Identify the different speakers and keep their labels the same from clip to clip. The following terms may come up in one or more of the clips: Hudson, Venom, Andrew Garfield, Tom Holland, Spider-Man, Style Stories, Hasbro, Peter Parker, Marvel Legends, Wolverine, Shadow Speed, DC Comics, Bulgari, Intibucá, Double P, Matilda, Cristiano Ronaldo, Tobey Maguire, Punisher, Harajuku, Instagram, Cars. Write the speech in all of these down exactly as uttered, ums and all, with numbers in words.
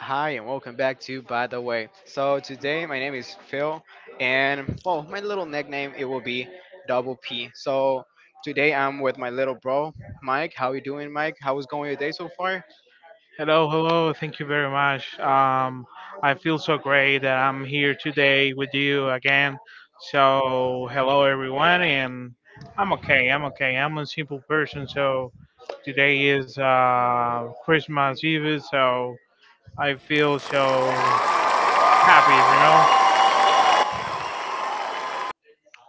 Speaker 1: Hi, and welcome back to By the Way. So today my name is Phil, and well, my little nickname it will be Double P. So today I'm with my little bro, Mike. How you doing, Mike? How was going your day so far?
Speaker 2: Hello, hello. Thank you very much. Um, I feel so great that I'm here today with you again. So, hello everyone, and I'm okay. I'm okay. I'm a simple person. So today is uh, Christmas Eve, so I feel so happy. You know.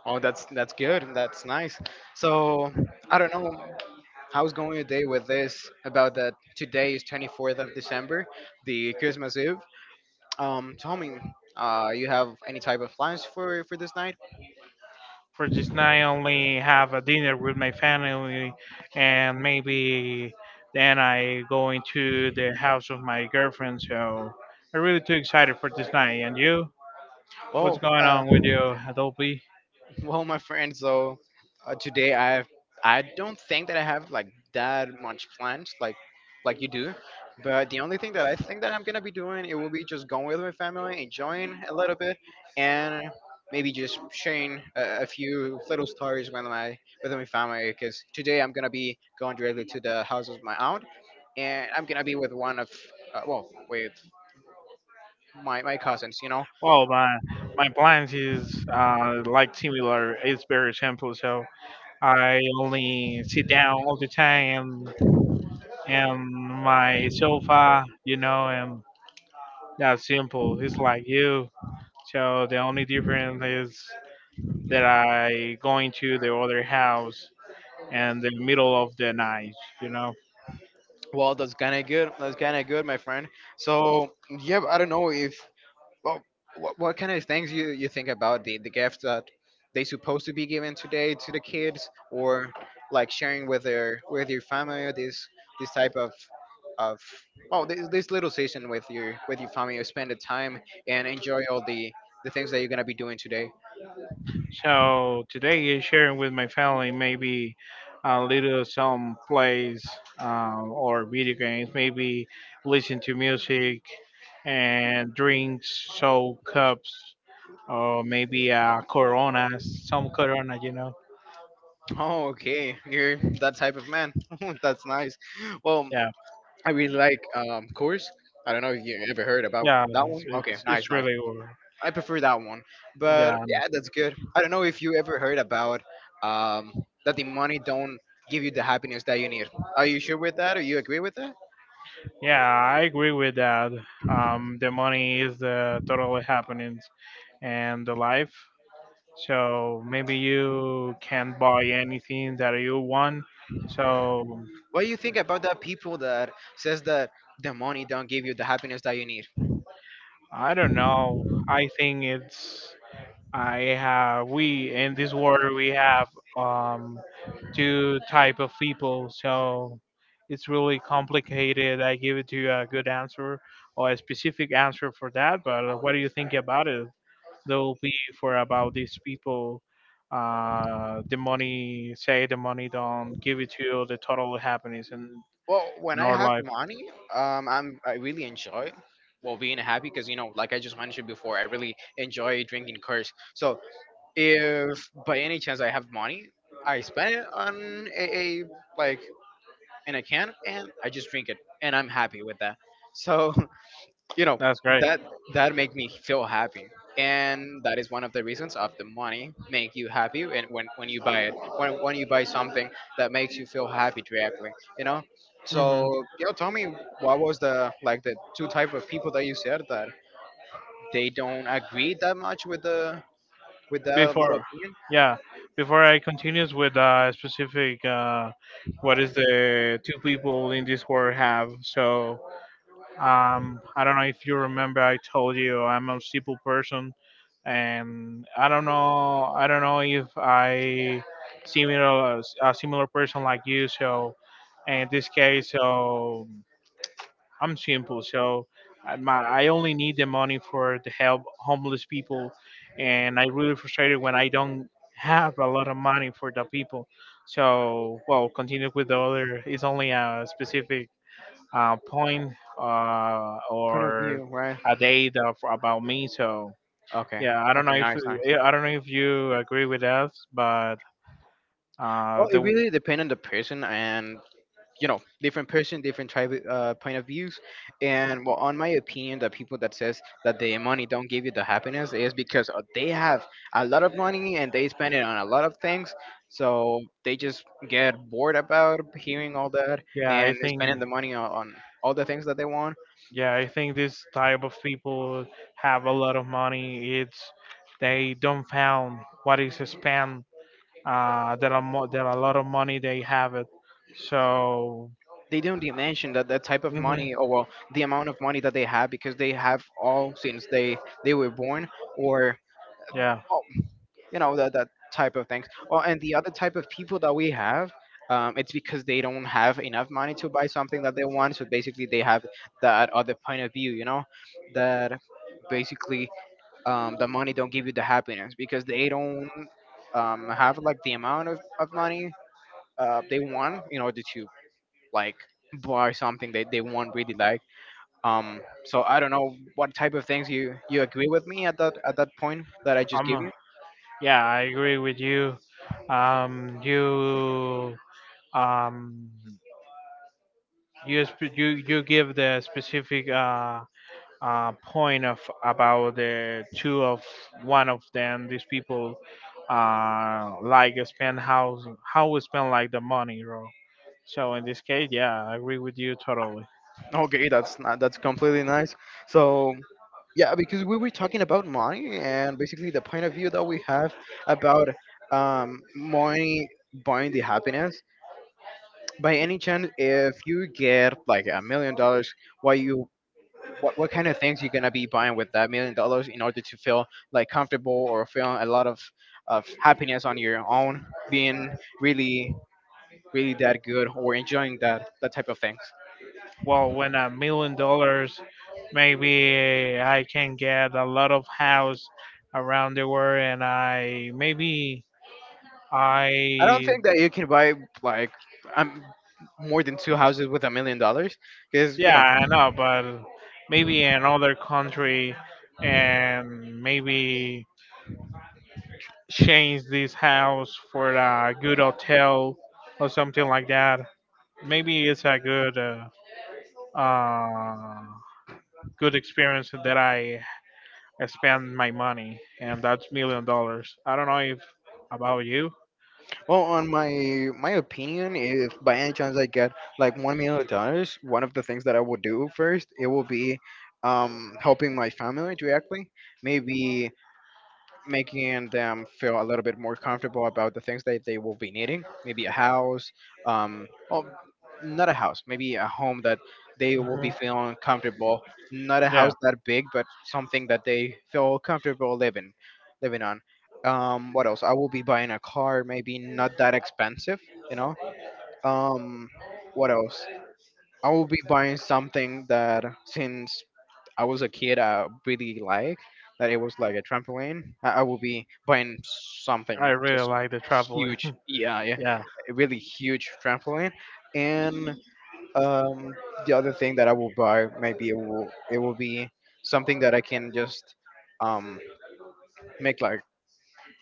Speaker 1: Oh, that's that's good. That's nice. So I don't know how's going your day with this about that today is twenty-fourth of December, the Christmas Eve. Um, tell me, uh, you have any type of plans for for this night?
Speaker 2: For this night, I only have a dinner with my family, and maybe then I go into the house of my girlfriend, so I'm really too excited for this night. And you, what's
Speaker 1: Well,
Speaker 2: going
Speaker 1: uh,
Speaker 2: on with you, Adobe?
Speaker 1: Well, my friend, so uh, today I have, I don't think that I have like that much plans like like you do, but the only thing that I think that I'm gonna be doing it will be just going with my family, enjoying a little bit, and maybe just sharing a, a few little stories with my with my family. Because today I'm gonna be going directly to the house of my aunt, and I'm gonna be with one of uh, well with my my cousins, you know.
Speaker 2: Well, my my plans is uh, like similar, it's very simple, so I only sit down all the time and my sofa you know and that's simple, it's like you. So the only difference is that I going to the other house in the middle of the night, you know.
Speaker 1: Well, that's kind of good. That's kind of good, my friend. So, yeah, I don't know if well, what, what kind of things you you think about the the gifts that they supposed to be given today to the kids, or like sharing with their with your family, or this this type of of well, this, this little session with your with your family, spend the time and enjoy all the the things that you're gonna be doing today.
Speaker 2: So today is sharing with my family, maybe a little some plays, um, or video games, maybe listen to music and drinks, so cups, or maybe uh, Coronas, some Corona, you know.
Speaker 1: Oh, okay, you're that type of man. That's nice. Well,
Speaker 2: Yeah,
Speaker 1: I really like um Coors. I don't know if you ever heard about
Speaker 2: yeah,
Speaker 1: that
Speaker 2: it's
Speaker 1: one. Okay,
Speaker 2: it's,
Speaker 1: nice,
Speaker 2: it's
Speaker 1: nice.
Speaker 2: really good.
Speaker 1: I prefer that one. But
Speaker 2: Yeah,
Speaker 1: yeah, that's good. I don't know if you ever heard about um that the money don't give you the happiness that you need. Are you sure with that, or you agree with that?
Speaker 2: yeah, I agree with that. Um, the money is the totally happening. And the life. So maybe you can buy anything that you want. So
Speaker 1: What do you think about that people that says that the money don't give you the happiness that you need?
Speaker 2: I don't know. I think it's I have we in this world we have um two type of people. So it's really complicated. I give it to you a good answer or a specific answer for that. But what do you think about it? There will be for about these people. Uh, the money, say the money don't give it to you the total happiness in,
Speaker 1: Well, when
Speaker 2: in
Speaker 1: I
Speaker 2: our
Speaker 1: have
Speaker 2: life.
Speaker 1: money, um I'm I really enjoy well being happy because you know, like I just mentioned before, I really enjoy drinking Coors. So if by any chance I have money, I spend it on a, a like in a can, and I just drink it, and I'm happy with that. So you know
Speaker 2: That's great.
Speaker 1: that that make me feel happy, and that is one of the reasons of the money make you happy, and when when you buy it, when when you buy something that makes you feel happy directly, you know. So
Speaker 2: Hmm.
Speaker 1: you know, tell me what was the like the two type of people that you said that they don't agree that much with the with that little
Speaker 2: Before,
Speaker 1: opinion
Speaker 2: yeah, before I continues with uh, specific, uh, what is the two people in this world have? So Um, I don't know if you remember. I told you I'm a simple person, and I don't know. I don't know if I similar a similar person like you. So, in this case, so I'm simple. So, I, my, I only need the money for to help homeless people, and I really frustrated when I don't have a lot of money for the people. So, well, continue with the other. It's only a specific uh, point, uh,
Speaker 1: point of
Speaker 2: or
Speaker 1: view, right?
Speaker 2: a date of, about me. So
Speaker 1: Okay.
Speaker 2: yeah, I don't know
Speaker 1: Okay.
Speaker 2: if
Speaker 1: Nice. Nice.
Speaker 2: yeah, I don't know if you agree with us, but uh,
Speaker 1: Well,
Speaker 2: the
Speaker 1: it really depends on the person, and you know, different person, different type of, uh, point of views. And well, on my opinion, the people that says that the money don't give you the happiness is because uh, they have a lot of money and they spend it on a lot of things, so they just get bored about hearing all that
Speaker 2: yeah,
Speaker 1: and
Speaker 2: I think
Speaker 1: spending the money on, on all the things that they want.
Speaker 2: yeah, I think this type of people have a lot of money. It's they don't found what is spent. Uh, there are mo- there are a lot of money they have it. So
Speaker 1: They don't dimension that the type of
Speaker 2: hmm
Speaker 1: money, or well, the amount of money that they have because they have all since they they were born, or
Speaker 2: yeah,
Speaker 1: you know that that type of things. Well, and the other type of people that we have, um, it's because they don't have enough money to buy something that they want, so basically they have that other point of view, you know, that basically um, the money don't give you the happiness because they don't um, have like the amount of, of money uh, they want in order to like buy something that they want really like. um so I don't know what type of things you you agree with me at that at that point that I just
Speaker 2: I'm
Speaker 1: give
Speaker 2: a-
Speaker 1: you.
Speaker 2: yeah, I agree with you. Um, you um you sp- you you give the specific uh, uh, point of about the two of one of them. These people uh, like spend how how we spend like the money, bro. So in this case, yeah, I agree with you totally.
Speaker 1: Okay, that's not, that's completely nice. So yeah, because we were talking about money and basically the point of view that we have about um, money buying the happiness. By any chance, if you get like a million dollars, why you what, what kind of things you're gonna be buying with that million dollars in order to feel like comfortable or feel a lot of of happiness on your own, being really really that good or enjoying that that type of things.
Speaker 2: Well, when a million dollars, maybe I can get a lot of house around the world, and I maybe
Speaker 1: I don't
Speaker 2: I.
Speaker 1: think that you can buy like um, more than two houses with a million dollars because you
Speaker 2: Yeah,
Speaker 1: know.
Speaker 2: I know, but maybe another country, and maybe change this house for a good hotel or something like that. Maybe it's a good uh, uh, good experience that I spend my money, and that's million dollars. I don't know if about you.
Speaker 1: Well, on my my opinion, if by any chance I get like one million dollars, one of the things that I will do first it will be um helping my family directly. Maybe making them feel a little bit more comfortable about the things that they will be needing, maybe a house, um well, not a house, maybe a home that they will be
Speaker 2: Hmm.
Speaker 1: feeling comfortable, not a
Speaker 2: Yeah,
Speaker 1: house that big but something that they feel comfortable living living on. um what else, I will be buying a car, maybe not that expensive, you know. um what else, I will be buying something that since I was a kid I really like, that it was like a trampoline. I, I will be buying
Speaker 2: I
Speaker 1: something
Speaker 2: really
Speaker 1: just
Speaker 2: like the traveling.
Speaker 1: huge. Yeah, yeah,
Speaker 2: Yeah.
Speaker 1: a really huge trampoline. And um, the other thing that I will buy, maybe it will it will be something that I can just um make like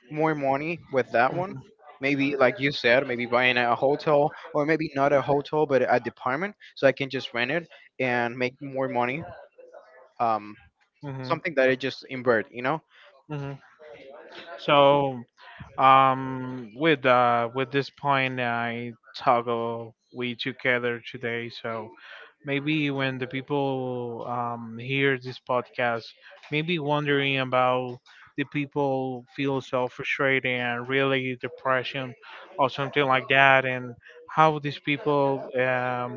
Speaker 1: more money with that one.
Speaker 2: Hmm.
Speaker 1: Maybe, like you said, maybe buying a hotel, or maybe not a hotel, but a department, so I can just rent it and make more money. Um,
Speaker 2: Hmm.
Speaker 1: something that I just invert, you know.
Speaker 2: Hmm. So, Um, with uh, with this point, I toggle we together today. So maybe when the people um, hear this podcast, maybe wondering about the people feel so frustrated and really depression or something like that, and how these people um,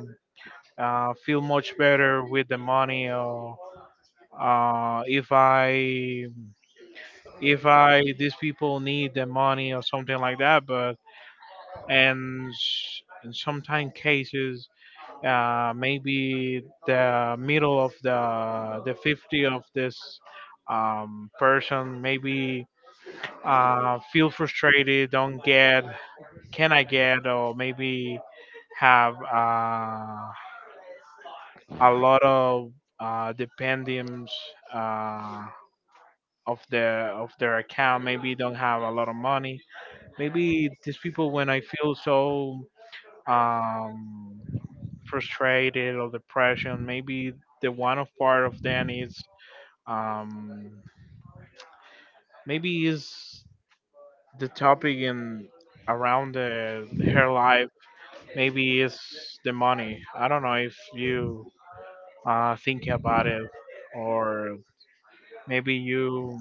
Speaker 2: uh, feel much better with the money, or uh, if I if I these people need the money or something like that, but and s- in sometimes cases uh, maybe the middle of the the fifty of this um, person maybe uh, feel frustrated don't get can I get or maybe have uh, a lot of uh, dependents uh, of their of their account, maybe don't have a lot of money, maybe these people when I feel so um, frustrated or depression. Maybe the one of part of them is um, maybe is the topic in around the, her life. Maybe is the money. I don't know if you uh, think about it, or maybe you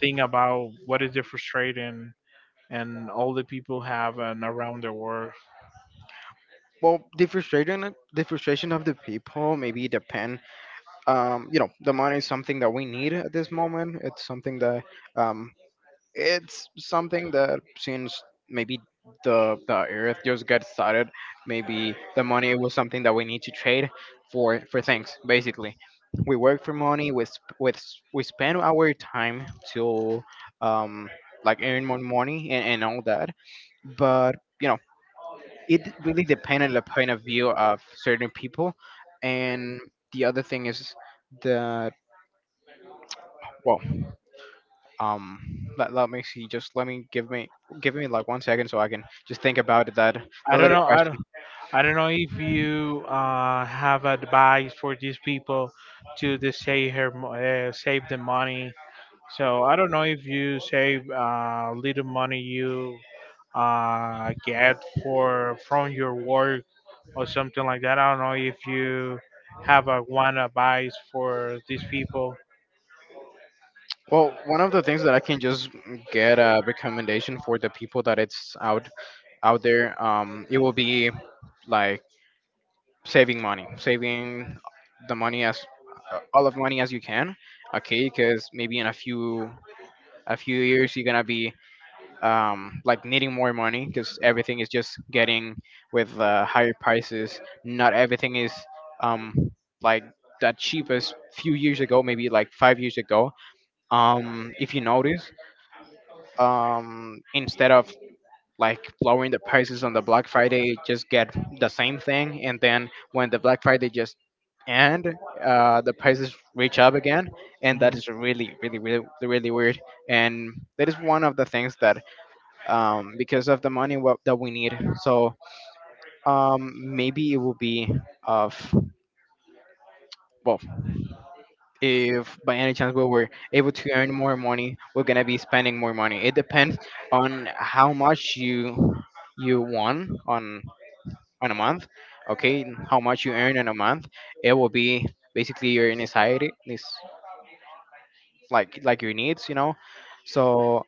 Speaker 2: think about what is the frustrating and all the people have and around the world.
Speaker 1: Well, the frustration, the frustration of the people, maybe depend. Um, you know, the money is something that we need at this moment. It's something that um, it's something that since maybe the the earth just got started, maybe the money was something that we need to trade for for things. Basically we work for money, we sp- we, s- we spend our time to um like earn more money, and, and all that. But you know, it really depends on the point of view of certain people. And the other thing is that well, um let, let me see, just let me give me give me like one second so I can just think about that the
Speaker 2: I don't
Speaker 1: little
Speaker 2: know. I don't.
Speaker 1: question.
Speaker 2: I don't know if you uh, have advice for these people to the save her mo- uh, save the money. So I don't know if you save uh, little money you uh, get for from your work or something like that. I don't know if you have a one advice for these people.
Speaker 1: Well, one of the things that I can just get a recommendation for the people that it's out out there, um it will be like saving money, saving the money as uh, all of money as you can, okay? Because maybe in a few a few years you're gonna be um, like needing more money because everything is just getting with uh, higher prices. Not everything is um, like that cheap as few years ago, maybe like five years ago. Um, if you notice, um, instead of like lowering the prices on the Black Friday, just get the same thing, and then when the Black Friday just end, uh, the prices reach up again, and that
Speaker 2: Hmm.
Speaker 1: is really, really, really, really weird. And that is one of the things that um, because of the money what, that we need. So um, maybe it will be of well, if by any chance we were able to earn more money, we're gonna be spending more money. It depends on how much you you won on on a month, okay? How much you earn in a month, it will be basically your anxiety, this like like your needs, you know. So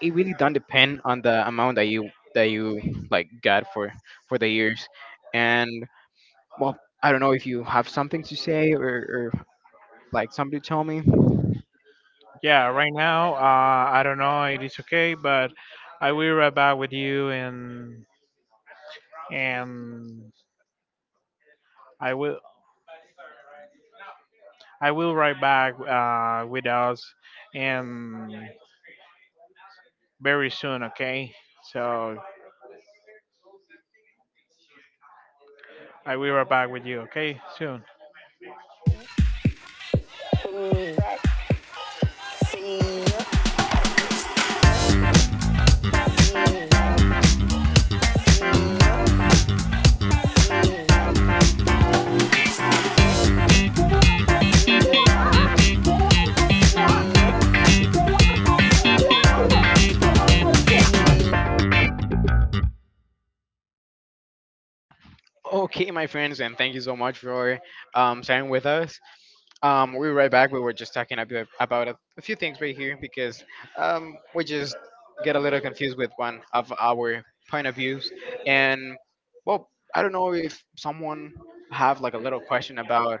Speaker 1: it really don't depend on the amount that you that you like got for for the years. And well, I don't know if you have something to say, or, or like somebody tell me.
Speaker 2: Yeah, right now uh, I don't know. It is okay, but I will be right with you and and I will. I will write back uh, with us, and very soon, okay? So I will write back with you, okay? Soon.
Speaker 1: Okay, my friends, and thank you so much for um, sharing with us. Um, we're right back. We were just talking ab- about a, a few things right here because um, we just get a little confused with one of our point of views. And well, I don't know if someone have like a little question about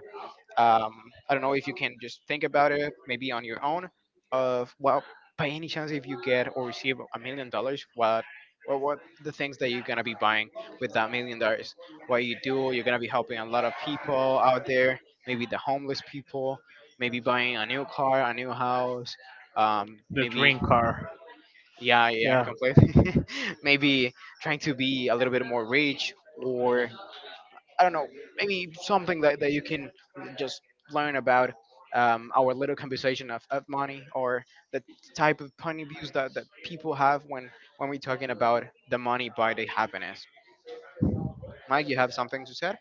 Speaker 1: um, I don't know if you can just think about it, maybe on your own. Of well, by any chance, if you get or receive a million dollars, what, what, what the things that you're gonna be buying with that million dollars? What you do, you're gonna be helping a lot of people out there, maybe the homeless people, maybe buying a new car, a new house, um,
Speaker 2: The
Speaker 1: maybe
Speaker 2: dream car.
Speaker 1: yeah, yeah,
Speaker 2: Yeah.
Speaker 1: completely, maybe trying to be a little bit more rich or I don't know, maybe something that, that you can just learn about um, our little conversation of, of money or the type of point of views that, that people have when, when we're talking about the money by the happiness. Mike, you have something to say?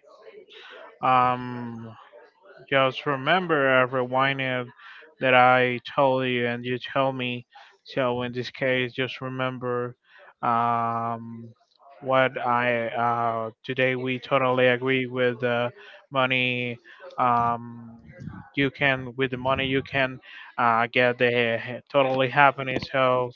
Speaker 2: Um, Just remember every whining that I told you and you told me. So in this case, just remember um, what I uh, today we totally agree with the money. Um, you can with the money you can uh, get the totally happiness. So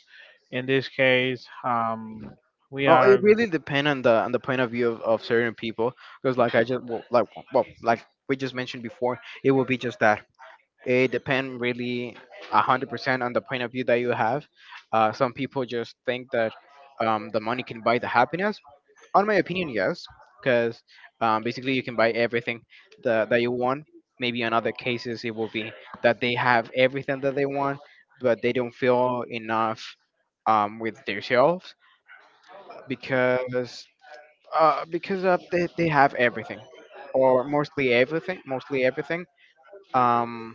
Speaker 2: in this case, um, we
Speaker 1: Oh, it
Speaker 2: are.
Speaker 1: really depends on the on the point of view of, of certain people because like I just well, like well, like we just mentioned before, it will be just that it depends really a hundred percent on the point of view that you have. Uh, some people just think that um, the money can buy the happiness. On my opinion, yes, because um, basically you can buy everything that, that you want. Maybe in other cases it will be that they have everything that they want, but they don't feel enough, um, with themselves because uh, because of they, they have everything or mostly everything, mostly everything. Um,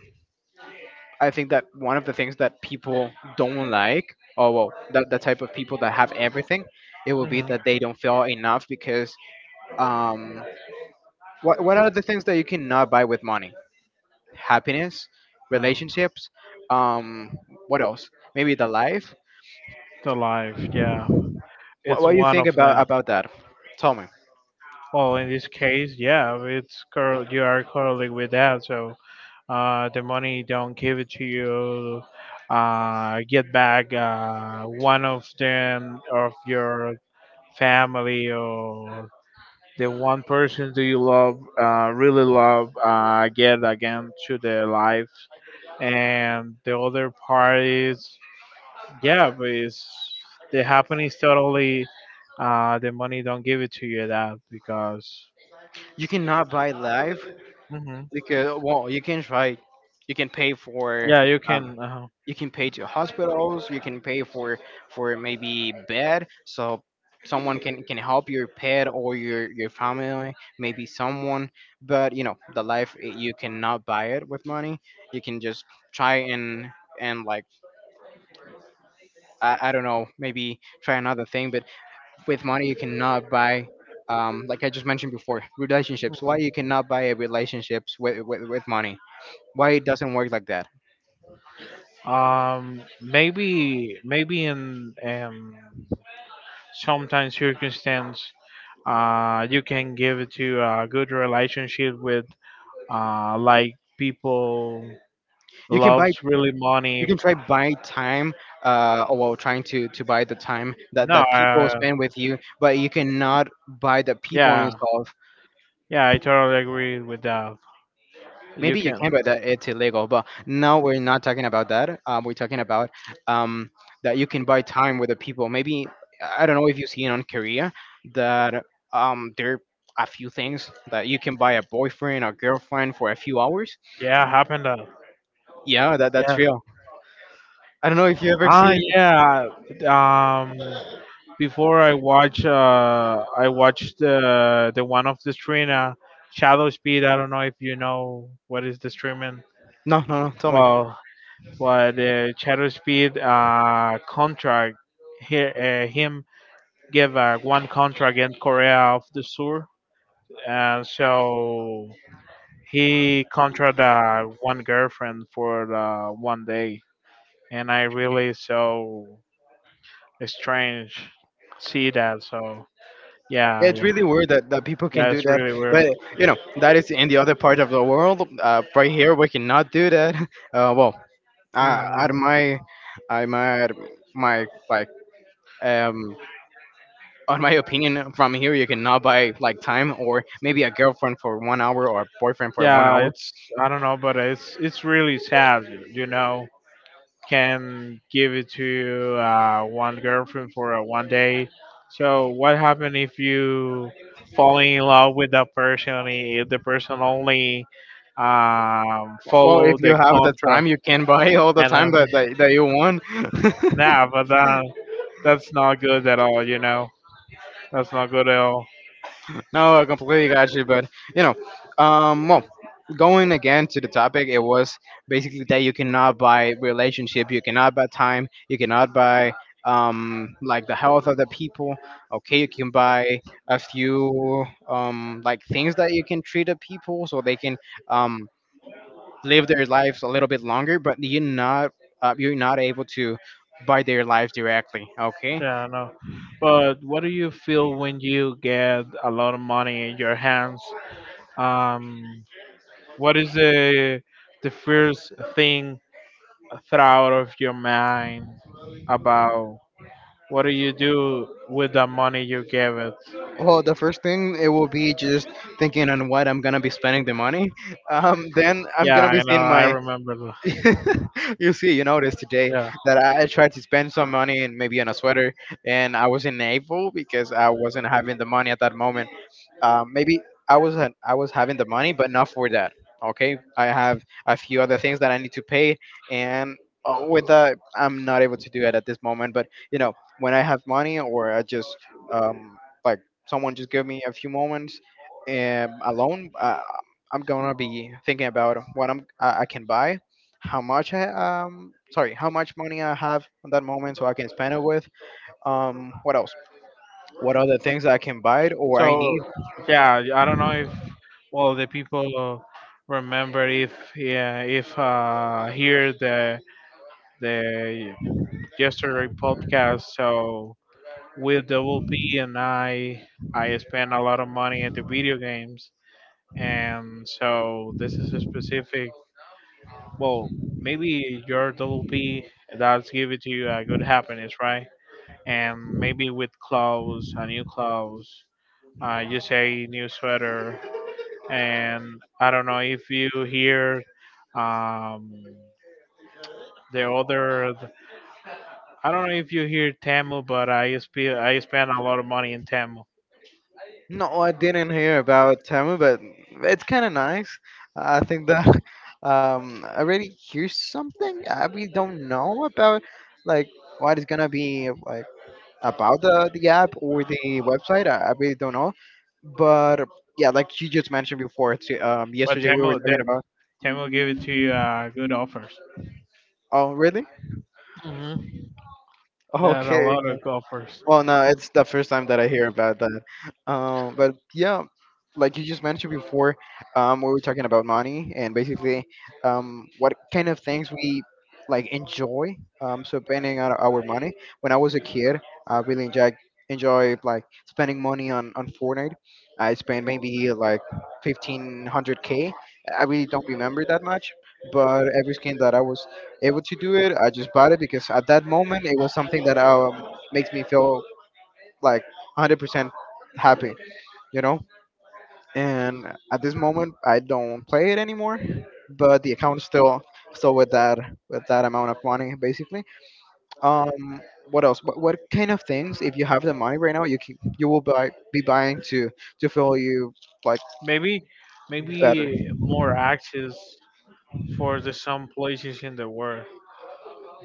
Speaker 1: I think that one of the things that people don't like, or well, that the type of people that have everything, it will be
Speaker 2: Mhm.
Speaker 1: that they don't feel enough because um, what What are the things that you cannot buy with money? Happiness,
Speaker 2: um,
Speaker 1: relationships. Um, what else? Maybe the life.
Speaker 2: the life. Yeah,
Speaker 1: What
Speaker 2: it's
Speaker 1: What do you
Speaker 2: one
Speaker 1: think
Speaker 2: of
Speaker 1: about
Speaker 2: the.
Speaker 1: about that? Tell me.
Speaker 2: Well, in this case, yeah, it's curl. You are currently with that, so uh, the money don't give it to you. Uh, get back uh, one of them of your family or the one person do you love, uh, really love, uh, get again to their life, and the other part is yeah, but it's the happening is totally. Uh, the money don't give it to you that because.
Speaker 1: You cannot buy life
Speaker 2: Mhm.
Speaker 1: because, well, you can try. You can pay for,
Speaker 2: Yeah, you
Speaker 1: um,
Speaker 2: can. Uh,
Speaker 1: you can pay to hospitals, you can pay for for maybe bed so someone can can help your pet or your your family, maybe someone, but you know the life eh, you cannot buy it with money. You can just try, and and like i, I don't know, maybe try another thing. But with money you cannot buy, um, like I just mentioned before, relationships. Why you cannot buy a relationships with, with, with money? Why it doesn't work like that?
Speaker 2: um, maybe, maybe in um, sometimes circumstance, uh, you can give it to a good relationship with, uh, like people
Speaker 1: You can buy,
Speaker 2: loves really money.
Speaker 1: you can try buy time, uh or well, trying to to buy the time that
Speaker 2: No,
Speaker 1: that people
Speaker 2: uh,
Speaker 1: spend with you, but you cannot buy the people
Speaker 2: yeah,
Speaker 1: involved.
Speaker 2: yeah, I totally agree with that. You
Speaker 1: Maybe you
Speaker 2: can,
Speaker 1: can, but that it's illegal, but now we're not talking about that. Um, we're talking about um that you can buy time with the people. Maybe I don't know if you have seen on Korea that um there are a few things that you can buy a boyfriend or girlfriend for a few hours.
Speaker 2: yeah, happen that.
Speaker 1: Yeah, that that's
Speaker 2: Yeah.
Speaker 1: real. I don't know if you ever
Speaker 2: Ah,
Speaker 1: see.
Speaker 2: yeah. Um, before I watch uh I watched the the one of the streamer Shadow Speed. I don't know if you know what is the streaming.
Speaker 1: No, no, no, tell me.
Speaker 2: Well, but uh, Shadow Speed uh contract here, uh, him give uh, one contract in Korea of the Sur, and so he contract uh, one girlfriend for uh, one day, and I really so strange see that. So
Speaker 1: Yeah,
Speaker 2: yeah,
Speaker 1: it's
Speaker 2: yeah,
Speaker 1: really weird that, that people can
Speaker 2: yeah,
Speaker 1: do
Speaker 2: it's
Speaker 1: that.
Speaker 2: really weird.
Speaker 1: But, you know, that is in the other part of the world. Uh, right here, we cannot do that. Uh, well, uh, at
Speaker 2: Mm.
Speaker 1: my, I'm at my, like, um, on my opinion, from here, you cannot buy, like, time, or maybe a girlfriend for one hour or a boyfriend for one
Speaker 2: Yeah,
Speaker 1: hour.
Speaker 2: it's I don't know, but it's it's really sad, you know. Can give it to uh, one girlfriend for uh, one day. So what happened if you fall in love with that person? If the person only um,
Speaker 1: Well,
Speaker 2: follow
Speaker 1: if you
Speaker 2: the
Speaker 1: have the
Speaker 2: contract,
Speaker 1: time, you can buy all the
Speaker 2: and uh,
Speaker 1: time that, that, that you want.
Speaker 2: nah, but that, that's not good at all, you know. That's not good at all.
Speaker 1: No, I completely got you. But you know, um, well, going again to the topic, it was basically that you cannot buy relationship, you cannot buy time, you cannot buy um like the health of the people. Okay, you can buy a few um like things that you can treat the people so they can um live their lives a little bit longer. But you're not uh, you're not able to buy their lives directly. Okay.
Speaker 2: Yeah, no. But what do you feel when you get a lot of money in your hands? Um, what is the the first thing thought out of your mind about what do you do with the money you gave it?
Speaker 1: Well, the first thing it will be just thinking on what I'm gonna be spending the money. Um, then I'm
Speaker 2: Yeah,
Speaker 1: gonna be
Speaker 2: I know.
Speaker 1: seeing
Speaker 2: I
Speaker 1: my.
Speaker 2: remember. The,
Speaker 1: You see, you notice today
Speaker 2: yeah.
Speaker 1: that I tried to spend some money, and maybe on a sweater, and I was in Naples because I wasn't having the money at that moment. Um, maybe I was not, I was having the money, but not for that. Okay, I have a few other things that I need to pay, and uh, with that, I'm not able to do it at this moment. But you know, when I have money, or I just um, like someone just give me a few moments, um, alone, uh, I'm gonna be thinking about what I'm I, I can buy, how much I um sorry how much money I have on that moment, so I can spend it with. Um, what else? What other things I can buy or I
Speaker 2: So
Speaker 1: need.
Speaker 2: yeah, I don't know if, well, the people remember if, yeah, if uh hear the the yesterday podcast. So with Double P and i i spend a lot of money into video games, and so this is a specific, well, maybe your Double P, that's give it to you a good happiness, right, and maybe with clothes a new clothes, uh, you say new sweater, and I don't know if you hear um the other, I don't know if you hear Tamil, but i spe- i spend a lot of money in Tamil,
Speaker 1: No, I didn't hear about Tamu, but it's kind of nice. I think that um, I already hear something I, we don't know about, like what is gonna be like about the the app or the website. I, I really don't know, but yeah, like you just mentioned before, t- um,
Speaker 2: but
Speaker 1: yesterday we were
Speaker 2: Tamil,
Speaker 1: talking about.
Speaker 2: Time will give it to you uh, good offers.
Speaker 1: Oh, really?
Speaker 2: Hmm. There are a
Speaker 1: Okay.
Speaker 2: lot of golfers.
Speaker 1: Well, no, it's the first time that I hear about that. Um, but yeah, like you just mentioned before, um, we were talking about money, and basically, um, what kind of things we like enjoy. Um, so spending our, our money. When I was a kid, I really enjoyed enjoy like spending money on on Fortnite. I spent maybe like fifteen hundred k. I really don't remember that much, but every skin that I was able to do it, I just bought it, because at that moment it was something that I makes me feel like a hundred percent happy, you know? And at this moment, I don't play it anymore, but the account's still still with that with that amount of money, basically. Um, what else? What, what kind of things, if you have the money right now, you can you will buy, be buying to to feel you like
Speaker 2: Maybe,
Speaker 1: better?
Speaker 2: maybe more access for the some places in the world.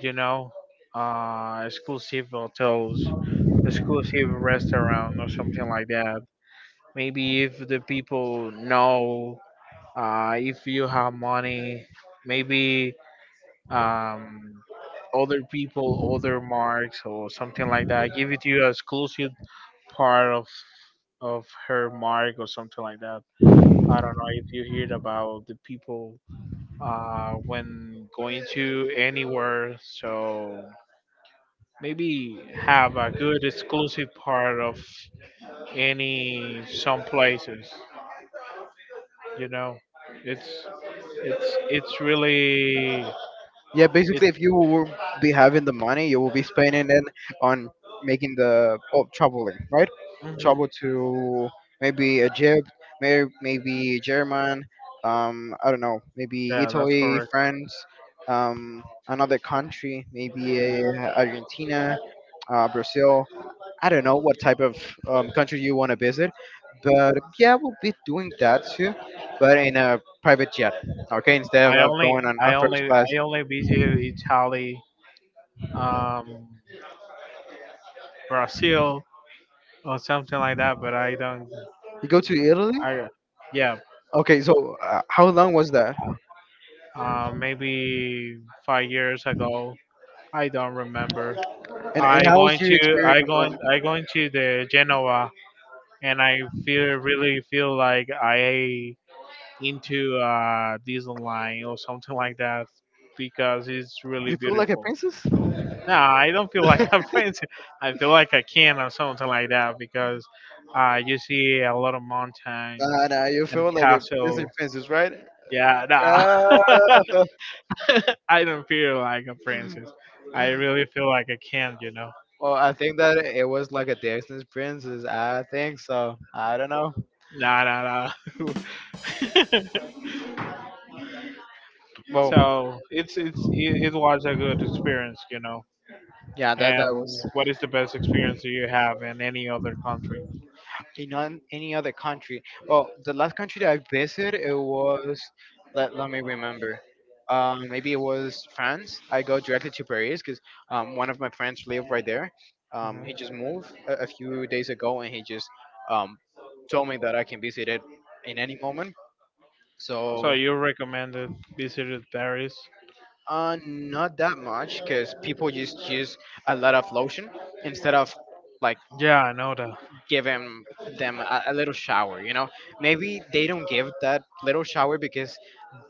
Speaker 2: You know, uh, exclusive hotels, exclusive restaurant, or something like that. Maybe if the people know, uh, if you have money, maybe um, other people, other marks, or something like that, give it to you exclusive part of of her mark or something like that. I don't know if you heard about the people uh when going to anywhere. So maybe have a good exclusive part of any some places. You know, it's it's it's really.
Speaker 1: Yeah, basically, if you will be having the money, you will be spending it on making the oh, traveling, right?
Speaker 2: Mhm.
Speaker 1: Travel to maybe Egypt, may, maybe German, um, I don't know, maybe
Speaker 2: Yeah, that's
Speaker 1: Italy,
Speaker 2: correct.
Speaker 1: France, um, another country, maybe uh, Argentina, uh, Brazil. I don't know what type of um, country you want to visit, but yeah, we'll be doing that too, but in a private jet, okay? Instead of,
Speaker 2: I
Speaker 1: of
Speaker 2: only,
Speaker 1: going on,
Speaker 2: I
Speaker 1: on first
Speaker 2: only,
Speaker 1: class.
Speaker 2: I only visited Italy, um, Brazil, or something like that. But I don't.
Speaker 1: You go to Italy?
Speaker 2: I Yeah,
Speaker 1: Okay, so uh, how long was that?
Speaker 2: uh, maybe five years ago. I don't remember.
Speaker 1: And and
Speaker 2: I
Speaker 1: how was
Speaker 2: going
Speaker 1: your
Speaker 2: to I
Speaker 1: experience
Speaker 2: going
Speaker 1: on?
Speaker 2: I going to the Genoa, and I feel really feel like I into uh Disneyland or something like that because it's really
Speaker 1: You feel like a
Speaker 2: beautiful.
Speaker 1: princess?
Speaker 2: Nah, I don't feel like I'm fancy. I feel like I can or something like that because uh you see a lot of mountains
Speaker 1: Nah, nah, you
Speaker 2: and
Speaker 1: feel like a Disney
Speaker 2: castle.
Speaker 1: princess, right?
Speaker 2: Yeah, nah.
Speaker 1: Uh,
Speaker 2: I don't feel like a princess. I really feel like a can, you know.
Speaker 1: well, I think that it was like a Disney princess. I think so. I don't know.
Speaker 2: Nah, nah, nah.
Speaker 1: Well,
Speaker 2: So it's it's it, it was a good experience, you know.
Speaker 1: yeah, that that
Speaker 2: And
Speaker 1: was.
Speaker 2: what is the best experience that you have in any other country?
Speaker 1: In on any other country. Well, the last country that I visited, it was, let let me remember. Um, maybe it was France. I go directly to Paris because um, one of my friends live right there. Um, he
Speaker 2: Hmm.
Speaker 1: just moved a, a few days ago, and he just, um, told me that I can visit it in any moment. So,
Speaker 2: So you recommended visited Paris?
Speaker 1: uh, not that much, because people just use a lot of lotion instead of like
Speaker 2: Yeah, I know that.
Speaker 1: giving them a, a little shower, you know. Maybe they don't give that little shower because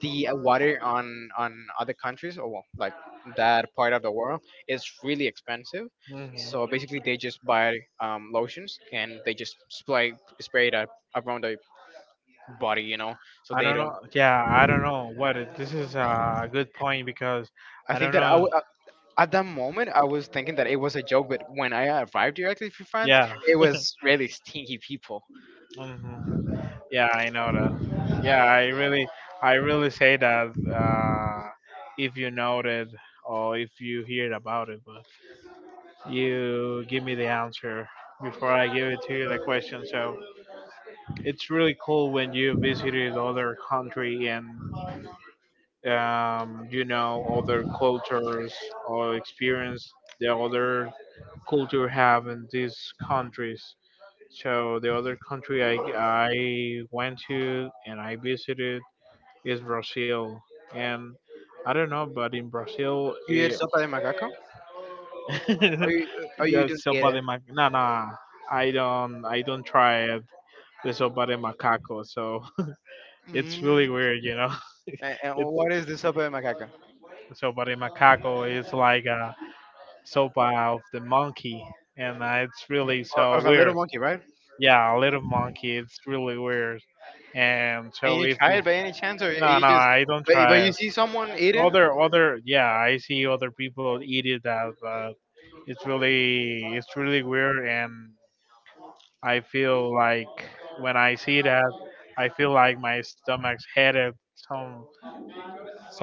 Speaker 1: the uh, water on on other countries, or well, like that part of the world is really expensive,
Speaker 2: Hmm.
Speaker 1: so basically they just buy, um, lotions, and they just spray spray it up around their body, you know, so
Speaker 2: I
Speaker 1: they
Speaker 2: don't
Speaker 1: don't.
Speaker 2: know. Yeah, I don't know what it- this is a good point because
Speaker 1: I
Speaker 2: I
Speaker 1: think
Speaker 2: don't
Speaker 1: that I w-
Speaker 2: know.
Speaker 1: uh, At that moment I was thinking that it was a joke, but when I arrived directly from France,
Speaker 2: Yeah,
Speaker 1: it was really stinky people.
Speaker 2: hmm yeah, I know that. Yeah, I really, I really say that uh, if you know that or if you hear about it, but you give me the answer before I give it to you the question. So it's really cool when you visited other country and um, you know other cultures or experience the other culture have in these countries. So the other country I, I went to and I visited is Brazil, and I don't know, but in Brazil,
Speaker 1: You eat
Speaker 2: it,
Speaker 1: sopa de macaco or you, or you
Speaker 2: yeah,
Speaker 1: don't eat
Speaker 2: sopa
Speaker 1: it.
Speaker 2: de mac. No, no, I don't. I don't try it. The sopa de macaco. So it's really
Speaker 1: Mm.
Speaker 2: weird, you know.
Speaker 1: And, and
Speaker 2: it's
Speaker 1: what is the sopa de macaca?
Speaker 2: Sopa de macaco is like a sopa of the monkey, and uh, it's really
Speaker 1: Or,
Speaker 2: so
Speaker 1: of a little
Speaker 2: weird.
Speaker 1: monkey, right?
Speaker 2: Yeah, a little monkey. It's really weird. And
Speaker 1: And
Speaker 2: so
Speaker 1: you
Speaker 2: if
Speaker 1: try
Speaker 2: you,
Speaker 1: it by any chance, or
Speaker 2: no,
Speaker 1: you
Speaker 2: no,
Speaker 1: just
Speaker 2: I don't
Speaker 1: but but
Speaker 2: try
Speaker 1: you
Speaker 2: it.
Speaker 1: see someone eating.
Speaker 2: Other, other, yeah, I see other people eat it that, but it's really, it's really weird. And I feel like when I see that, I feel like my stomach's headed so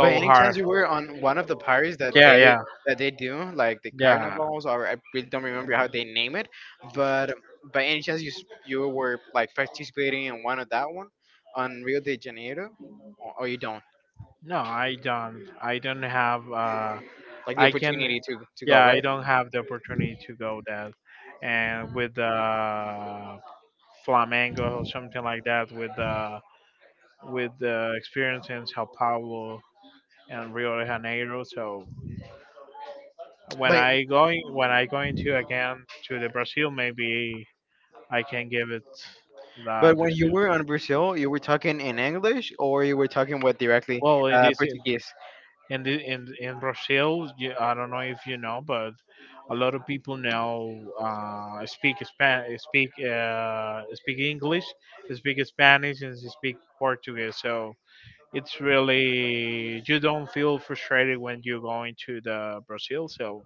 Speaker 1: By any chance,
Speaker 2: hard.
Speaker 1: you were on one of the parties that
Speaker 2: Yeah,
Speaker 1: they
Speaker 2: yeah,
Speaker 1: that they do, like the
Speaker 2: yeah.
Speaker 1: carnivals, or I really don't remember how they name it. But by any chance, you s- you were like participating in one of that one on Rio de Janeiro, or, or you don't
Speaker 2: No, I don't. I don't have. Uh,
Speaker 1: like the
Speaker 2: I can.
Speaker 1: opportunity to to go,
Speaker 2: Yeah, I
Speaker 1: right?
Speaker 2: don't have the opportunity to go that. And with the Flamengo or something like that with uh, with the experience in Sao Paulo and Rio de Janeiro. So when
Speaker 1: By.
Speaker 2: I going when I going to again to the Brazil, maybe I can give it
Speaker 1: But
Speaker 2: that
Speaker 1: when you
Speaker 2: experience.
Speaker 1: were on Brazil, you were talking in English, or you were talking what directly,
Speaker 2: Well, in
Speaker 1: uh,
Speaker 2: this
Speaker 1: Portuguese?
Speaker 2: in the, in in Brazil, you, I don't know if you know, but a lot of people now uh, speak Span- speak uh, speak English, speak Spanish, and they speak Portuguese. So it's really you don't feel frustrated when you're going to the Brazil. So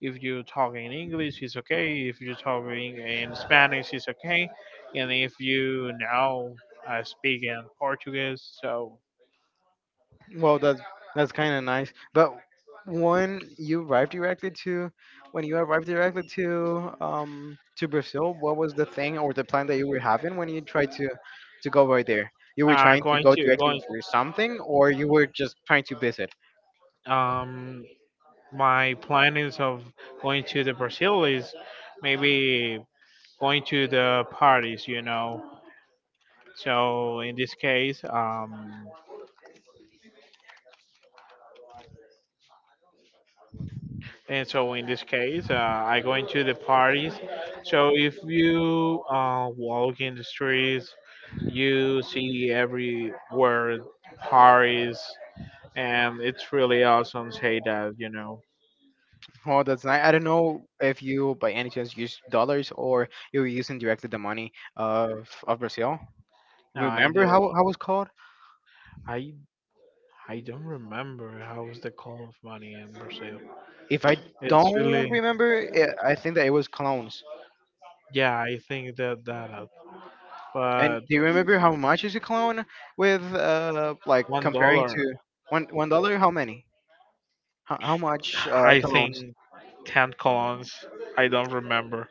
Speaker 2: if you're talking in English, it's okay. If you're talking in Spanish, it's okay. And if you now uh, speak in Portuguese. So
Speaker 1: Well, that's that's kind of nice. But when you arrived directly to when you arrived directly to um, to Brazil, what was the thing or the plan that you were having when you tried to to go right there? You were
Speaker 2: uh,
Speaker 1: trying to
Speaker 2: going
Speaker 1: go
Speaker 2: to
Speaker 1: directly
Speaker 2: going
Speaker 1: for something, or you were just trying to visit.
Speaker 2: um my plan is of going to the Brazil is maybe going to the parties, you know. So in this case, um, and so in this case, uh, I go into the parties. So if you uh, walk in the streets, you see everywhere parties, and it's really awesome. Say that you know.
Speaker 1: Well, that's nice. I don't know if you, by any chance, use dollars or you were using directly the money of of Brazil.
Speaker 2: No, I d-
Speaker 1: Remember how how it was called?
Speaker 2: I I don't remember how was the call of money in Brazil.
Speaker 1: If I
Speaker 2: It's
Speaker 1: don't
Speaker 2: really.
Speaker 1: remember, it, I think that it was clones.
Speaker 2: Yeah, I think that that, uh,
Speaker 1: And
Speaker 2: but
Speaker 1: do you remember how much is a clone with uh like
Speaker 2: one
Speaker 1: comparing
Speaker 2: dollar.
Speaker 1: to one one dollar? How many? How, how much uh,
Speaker 2: I think
Speaker 1: clones?
Speaker 2: ten colons. I don't remember.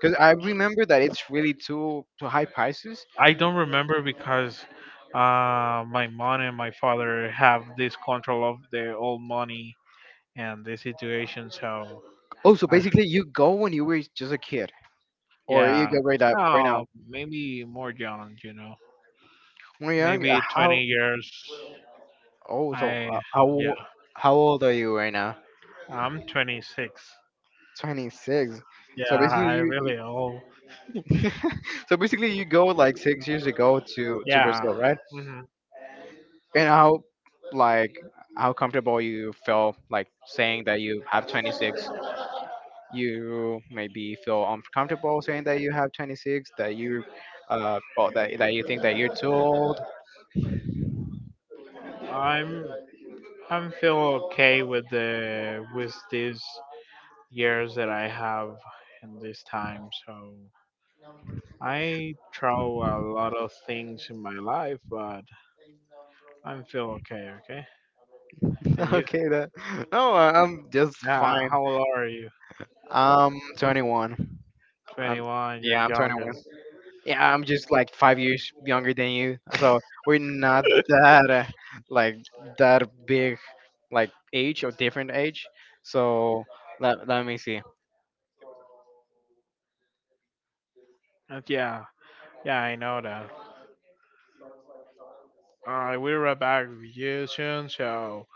Speaker 1: Because I remember that it's really too too high prices.
Speaker 2: I don't remember because uh, my mom and my father have this control of the old money and the situation. So,
Speaker 1: Oh, so
Speaker 2: I,
Speaker 1: basically you go when you were just a kid, or you
Speaker 2: yeah,
Speaker 1: go right up right
Speaker 2: oh,
Speaker 1: now.
Speaker 2: maybe more young, you know,
Speaker 1: When you're young, uh,
Speaker 2: maybe
Speaker 1: how?
Speaker 2: twenty years.
Speaker 1: Oh, so
Speaker 2: I
Speaker 1: uh, how
Speaker 2: Yeah,
Speaker 1: old, how old are you right now?
Speaker 2: I'm twenty-six.
Speaker 1: Twenty six.
Speaker 2: Yeah,
Speaker 1: So basically
Speaker 2: I
Speaker 1: you
Speaker 2: really old.
Speaker 1: so basically, you go like six years ago to to
Speaker 2: Yeah,
Speaker 1: Brazil, right?
Speaker 2: hmm.
Speaker 1: And how, like how comfortable you feel like saying that you have twenty-six? You maybe feel uncomfortable saying that you have twenty-six, that you uh well, that that you think that you're too old?
Speaker 2: I'm I'm feel okay with the with these years that I have in this time. So. I try a lot of things in my life, but I feel okay, okay? And you?
Speaker 1: Okay, that, no, I- am just
Speaker 2: Yeah,
Speaker 1: fine.
Speaker 2: how old are you?
Speaker 1: I'm twenty-one. Um,
Speaker 2: twenty-one,
Speaker 1: yeah,
Speaker 2: you're
Speaker 1: I'm twenty-one.
Speaker 2: youngest.
Speaker 1: Yeah, I'm just like five years younger than you, so we're not that uh, like that big, like, age or different age. So let, let me see.
Speaker 2: Uh, Yeah, yeah, I know that. Alright, we'll be back with you soon, so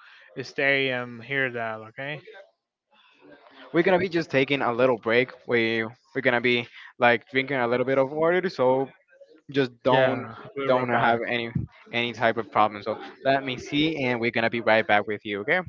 Speaker 2: stay and hear that, okay?
Speaker 1: We're gonna be just taking a little break. We we're gonna be like drinking a little bit of water, so just don't
Speaker 2: Yeah, we'll
Speaker 1: don't
Speaker 2: be
Speaker 1: have
Speaker 2: back.
Speaker 1: any any type of problem. So let me see, and we're gonna be right back with you. Okay.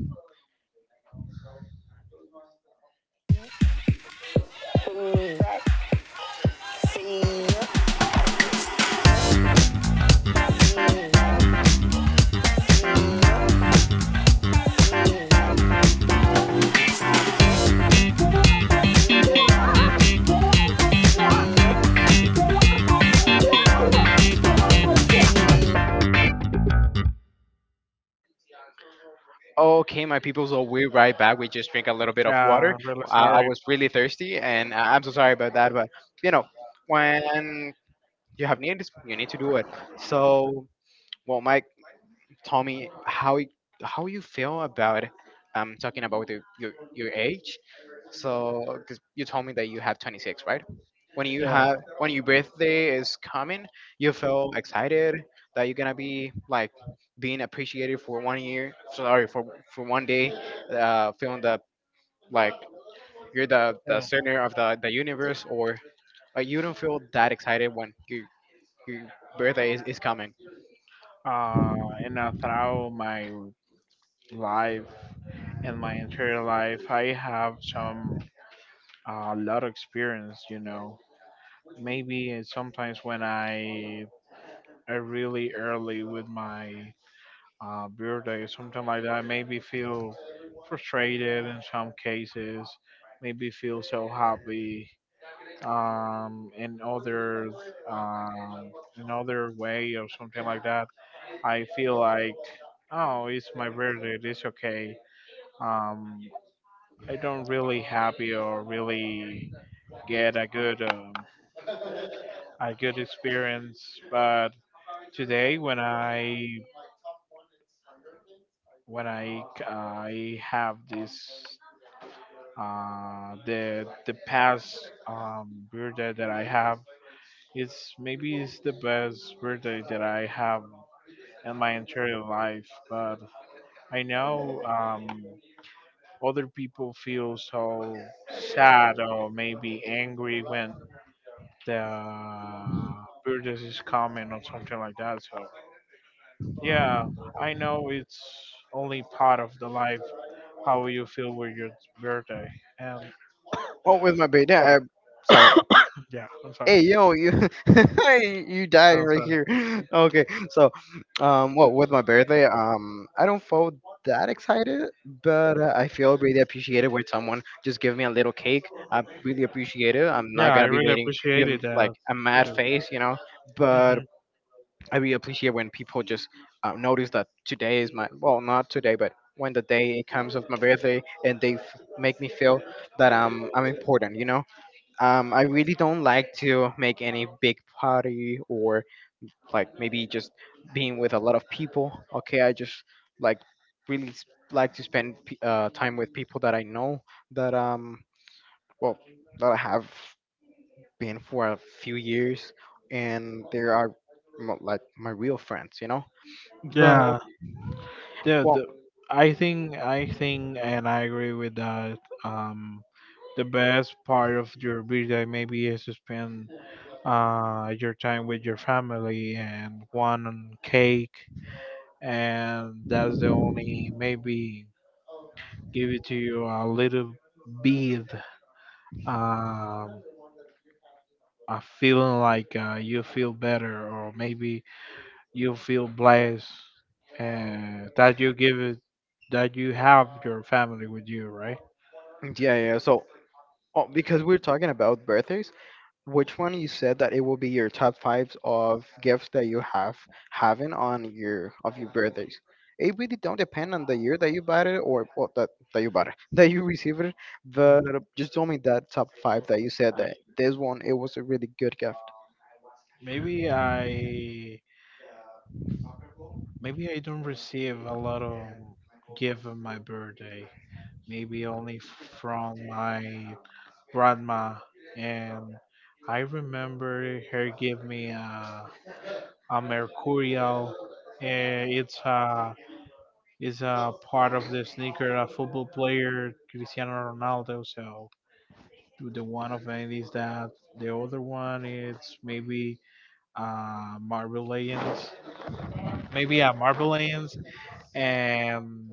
Speaker 1: Okay, my people, so we're right back. We just drink a little bit of
Speaker 2: Yeah,
Speaker 1: water.
Speaker 2: I'm really
Speaker 1: I, I
Speaker 2: sorry.
Speaker 1: was really thirsty, and I- I'm so sorry about that. But you know, when you have needs, you need to do it. So, well, Mike, tell me how y- how you feel about um talking about the, your your age. So, because you told me that you have twenty-six, right? When you
Speaker 2: Yeah,
Speaker 1: have when your birthday is coming, you feel excited that you're gonna be like being appreciated for one year. Sorry, for for one day, uh, feeling that like you're the the center of the
Speaker 2: yeah.
Speaker 1: the universe, or like you don't feel that excited when your your birthday is, is coming.
Speaker 2: Uh, and I throw my life, and my entire life I have some a lot of experience, you know. Maybe it's sometimes when i i really early with my uh, birthday or something like that, maybe feel frustrated in some cases, maybe feel so happy um in other um in other way or something like that. I feel like, oh, it's my birthday, it's okay. um I don't really happy or really get a good um, a good experience. But today when I when I I have this uh the the past um birthday that I have, it's maybe it's the best birthday that I have in my entire life. But I know um other people feel so sad or maybe angry when the purchase is coming or something like that. So yeah, I know it's only part of the life how you feel with your birthday. And
Speaker 1: Well, with my birthday,
Speaker 2: sorry.
Speaker 1: I, sorry.
Speaker 2: Yeah, I'm sorry.
Speaker 1: Hey yo, you you dying
Speaker 2: I'm
Speaker 1: right
Speaker 2: sorry.
Speaker 1: here. Okay, so um, well, with my birthday, um, I don't feel that excited, but uh, I feel really appreciated when someone just give me a little cake. I really appreciate it. I'm
Speaker 2: Yeah,
Speaker 1: not
Speaker 2: I
Speaker 1: gonna be
Speaker 2: really
Speaker 1: making, you know,
Speaker 2: appreciated
Speaker 1: like,
Speaker 2: that
Speaker 1: a mad
Speaker 2: too.
Speaker 1: face, you know, but
Speaker 2: Hmm.
Speaker 1: I really appreciate when people just uh, notice that today is my, well, not today, but when the day comes of my birthday, and they f- make me feel that I'm I'm important, you know. um, I really don't like to make any big party or like maybe just being with a lot of people. Okay, I just like really s- like to spend p- uh, time with people that I know, that um well, that I have been for a few years, and they are mo- like my real friends, you know. But,
Speaker 2: Yeah, yeah.
Speaker 1: well,
Speaker 2: The, I think I think and I agree with that. Um, the best part of your birthday maybe is to spend uh your time with your family and one on cake, and that's the only maybe give it to you a little bit um a feeling like uh, you feel better or maybe you feel blessed, uh, that you give it, that you have your family with you, right?
Speaker 1: yeah, yeah, yeah. So, oh, because we're talking about birthdays, which one you said that it will be your top fives of gifts that you have having on your of your birthdays? It really don't depend on the year that you bought it, or, well, that that you bought it, that you received it. But just tell me that top five that you said that this one it was a really good gift.
Speaker 2: Maybe i maybe i don't receive a lot of gift on my birthday, maybe only from my grandma, and I remember her give me a, a mercurial. eh, It's a it's a part of the sneaker, a football player Cristiano Ronaldo. So do the one of it is that the other one is maybe uh Marble Legends, maybe a Marble Legends, and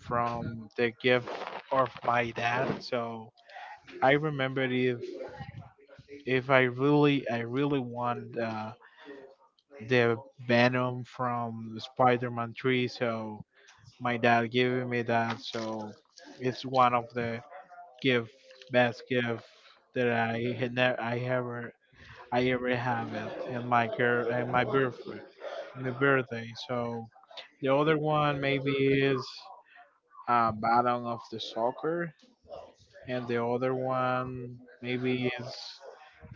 Speaker 2: from the gift of my dad. So I remember it, if I really, I really want uh, the Venom from Spider-Man three, so my dad giving me that, so it's one of the gift, best gift that I had never, I ever, I ever have it, and my girl, and my birthday, my birthday. So the other one maybe is uh, Battle of the Soccer, and the other one maybe is.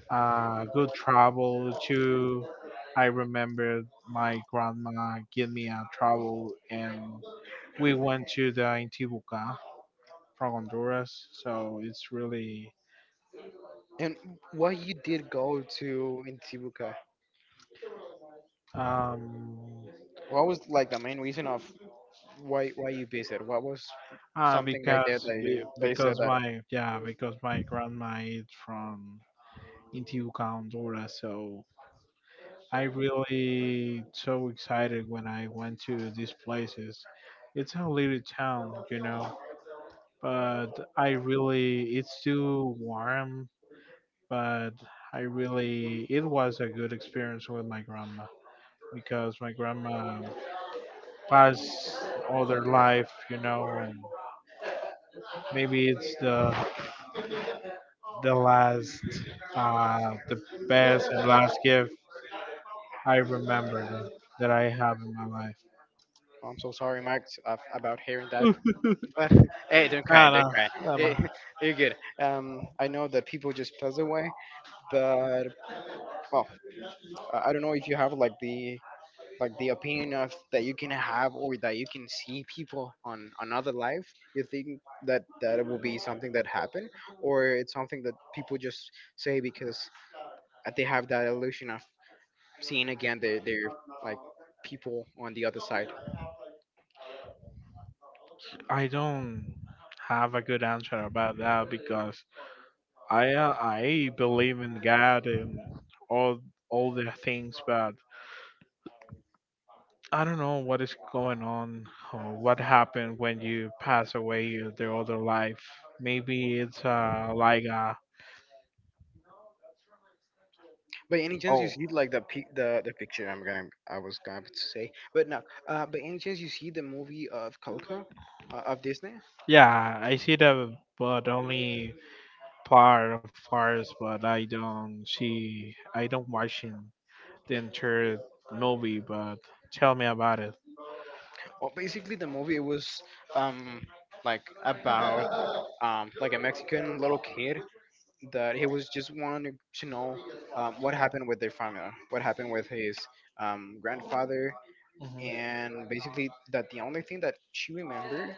Speaker 2: uh, good travel too. I remember my grandma gave me a travel, and we went to the Intibucá from Honduras. So it's really.
Speaker 1: And why you did go to in Tibuca?
Speaker 2: um
Speaker 1: What was like the main reason of why why you visit? What was
Speaker 2: uh,
Speaker 1: something right there
Speaker 2: because
Speaker 1: that you
Speaker 2: be-
Speaker 1: that you said
Speaker 2: because
Speaker 1: that—
Speaker 2: my yeah because my grandma is from Intibucá, Honduras. So I really so excited when I went to these places. It's a little town, you know, but I really it's too warm. But I really it was a good experience with my grandma, because my grandma passed all their life, you know, and maybe it's the the last, uh the best and last gift I remember that, that I have in my life.
Speaker 1: I'm so sorry, Max, af- about hearing that. But hey, don't cry,
Speaker 2: I
Speaker 1: don't cry.
Speaker 2: don't,
Speaker 1: Eh,
Speaker 2: I
Speaker 1: you're good. Um, I know that people just pass away, but, well, I I don't know if you have like the, like the opinion of that you can have or that you can see people on another life. You think that that will be something that happened, or it's something that people just say because uh, they have that illusion of seeing again their their like, people on the other side.
Speaker 2: I don't have a good answer about that, because I uh, I believe in God and all all the things, but I don't know what is going on or what happened when you pass away in the other life. Maybe it's uh like uh
Speaker 1: By any chance you
Speaker 2: oh,
Speaker 1: see like the pi- the the picture I'm gonna, I was going to to say, but no. Uh, by any chance you see the movie of Coco, uh, of Disney?
Speaker 2: yeah, I see the, but only part of ours, but I don't see I don't watch in the entire movie. But tell me about it.
Speaker 1: Well, basically the movie it was um like about um like a Mexican little kid that he was just wanting to know um what happened with their family, what happened with his um grandfather,
Speaker 2: Mhm.
Speaker 1: and basically that the only thing that she remembered,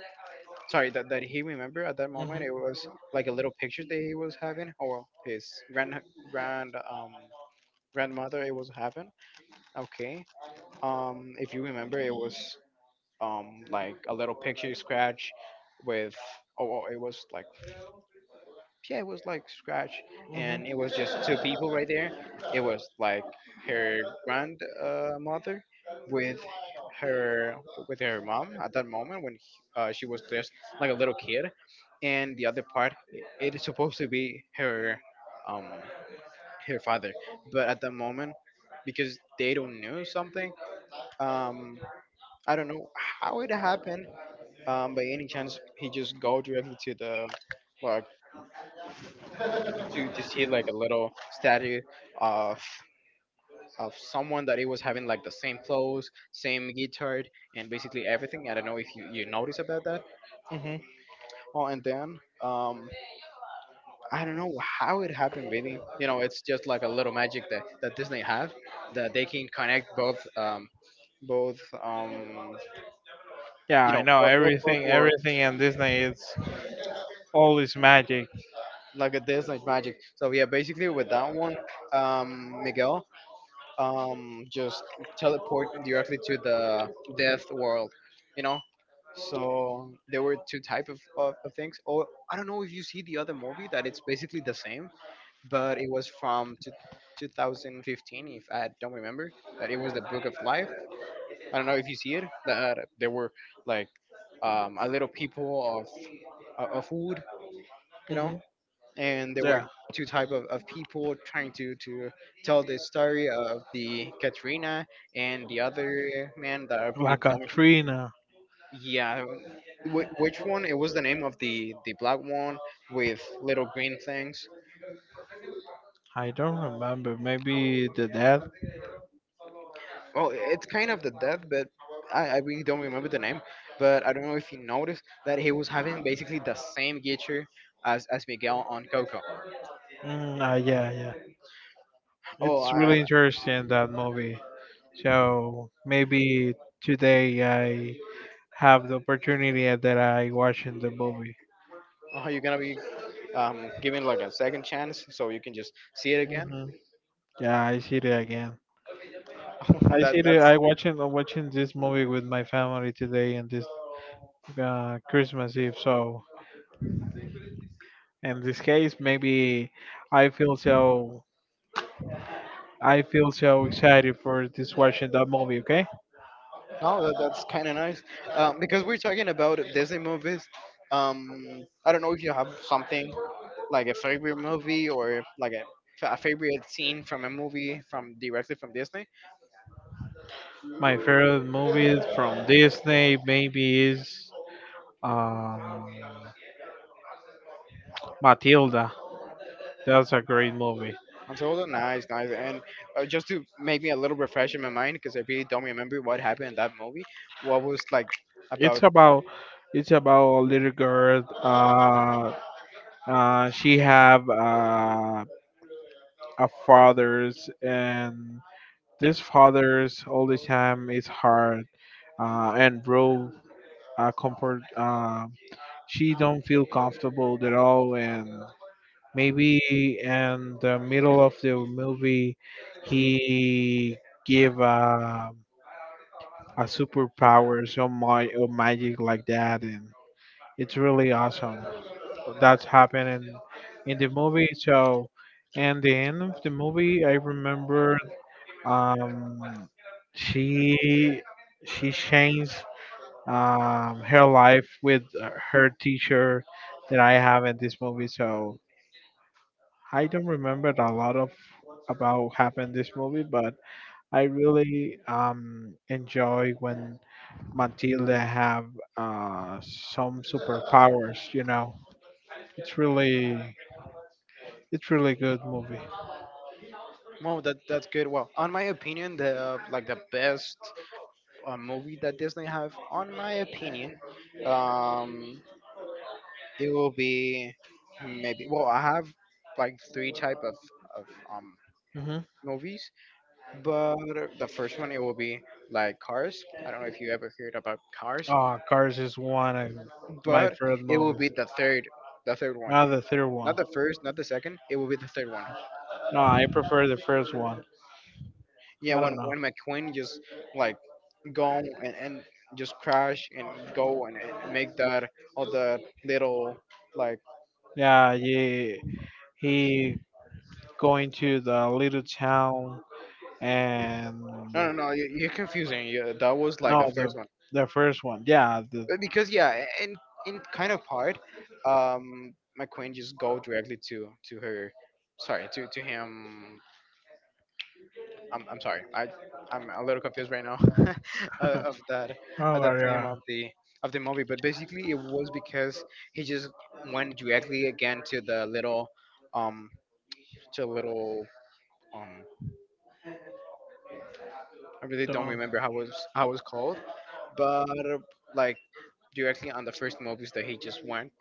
Speaker 1: sorry that, that he remembered at that moment
Speaker 2: Mhm.
Speaker 1: it was like a little picture that he was having, or his grand grand um grandmother it was having. Okay, um if you remember it was um like a little picture scratch with— oh, oh, it was like, yeah, it was like scratch, and it
Speaker 2: Mhm.
Speaker 1: was just two people right there. It was like her grandmother, uh, mother, with her, with her mom at that moment when he, uh, she was just like a little kid, and the other part i- it is supposed to be her um her father, but at the moment, because they don't know something, um I don't know how it happened. Um, by any chance he just go directly to the, like, to, to see like a little statue of of someone that it was having like the same clothes, same guitar, and basically everything. I don't know if you, you notice about that.
Speaker 2: Mhm.
Speaker 1: Oh, and then, um, I don't know how it happened, really. You know, it's just like a little magic that, that Disney have, that they can connect both, um, both, um,
Speaker 2: Yeah,
Speaker 1: you
Speaker 2: I
Speaker 1: know,
Speaker 2: know
Speaker 1: both both, both
Speaker 2: everything.
Speaker 1: worlds,
Speaker 2: Everything in Disney is always magic.
Speaker 1: like a Disney magic. So yeah, basically with that one, um, Miguel um, just teleport directly to the death world, you know. So there were two type of, of, of things. Or I don't know if you see the other movie that it's basically the same, but it was from two, two thousand fifteen, if I don't remember. That it was the Book of Life. I don't know if you see it. That there were like, um, a little people of of of wood, you know,
Speaker 2: Mhm.
Speaker 1: and there were
Speaker 2: Yeah,
Speaker 1: two type of, of people trying to to tell the story of the Katrina and the other man that I we
Speaker 2: like
Speaker 1: don't—
Speaker 2: Katrina.
Speaker 1: yeah, whi- which one it was the name of the the black one with little green things?
Speaker 2: I don't remember. Maybe the dad.
Speaker 1: Well, it's kind of the death, but I, I really don't remember the name. But I don't know if you noticed that he was having basically the same gear as, as Miguel on Coco.
Speaker 2: Mm, uh, yeah, yeah.
Speaker 1: Oh,
Speaker 2: It's
Speaker 1: I—
Speaker 2: really interesting that movie. So maybe today I have the opportunity that I watching the movie.
Speaker 1: are you gonna be, um, giving like a second chance so you can just see it again?
Speaker 2: Mhm. Yeah, I see it again. I
Speaker 1: That
Speaker 2: see. The,
Speaker 1: that's—
Speaker 2: I watching I'm watching this movie with my family today, and this uh, Christmas Eve. So in this case, maybe I feel so. I feel so excited for this watching that movie. Okay,
Speaker 1: no, that, that's kind of nice. Um, because we're talking about Disney movies. Um, I don't know if you have something like a favorite movie, or like a a favorite scene from a movie from directly from Disney.
Speaker 2: my favorite movies from Disney maybe is um, Matilda. That's a great movie.
Speaker 1: I'm told, oh, nice, nice. And uh, just to make me a little refresh in my mind, because I really don't remember what happened in that movie. What was like about?
Speaker 2: It's about it's about a little girl. Uh, uh, she have uh, a father's, and this father's all the time is hard, uh, and bro, uh, comfort. Uh, she don't feel comfortable at all, and maybe in the middle of the movie, he give uh, a superpower, some my or magic like that, and it's really awesome. That's happening in the movie. So, and the end of the movie, I remember. Um, she she changed, um, her life with uh, her teacher that I have in this movie. So I don't remember a lot of about happened this movie, but I really, um, enjoy when Matilda have uh, some superpowers. You know, it's really it's really good movie.
Speaker 1: Well, that that's good. Well, on my opinion, the uh, like the best uh, movie that Disney have, on my opinion. Um, It will be, maybe, well, I have like three type of of um
Speaker 2: Hmm.
Speaker 1: movies, but the first one it will be like Cars. I don't know if you ever heard about Cars,
Speaker 2: Oh, Cars is one of my
Speaker 1: but
Speaker 2: favorite
Speaker 1: it will
Speaker 2: movies.
Speaker 1: be the third, the third one.
Speaker 2: Ah, the third one.
Speaker 1: Not the first, not the second. It will be the third one.
Speaker 2: No, I prefer the first one.
Speaker 1: Yeah,
Speaker 2: I
Speaker 1: when
Speaker 2: don't know.
Speaker 1: when McQueen just like go and, and just crash and go and, and make that all the little, like—
Speaker 2: Yeah, he he going to the little town, and
Speaker 1: no no no, you- you're confusing you, that was like
Speaker 2: no,
Speaker 1: the first
Speaker 2: the
Speaker 1: one.
Speaker 2: the first one. Yeah, the
Speaker 1: Uh, because yeah, and in kind of part, um my queen just go directly to to her, sorry, to to him. i'm, I'm sorry, i I'm a little confused right now uh, of that,
Speaker 2: oh
Speaker 1: of that
Speaker 2: God,
Speaker 1: theme
Speaker 2: yeah,
Speaker 1: of the of the movie. But basically it was because he just went directly again to the little, um to a little, um I really don't
Speaker 2: don't,
Speaker 1: remember how was how it was called. But uh, like, directly on the first movies that he just went.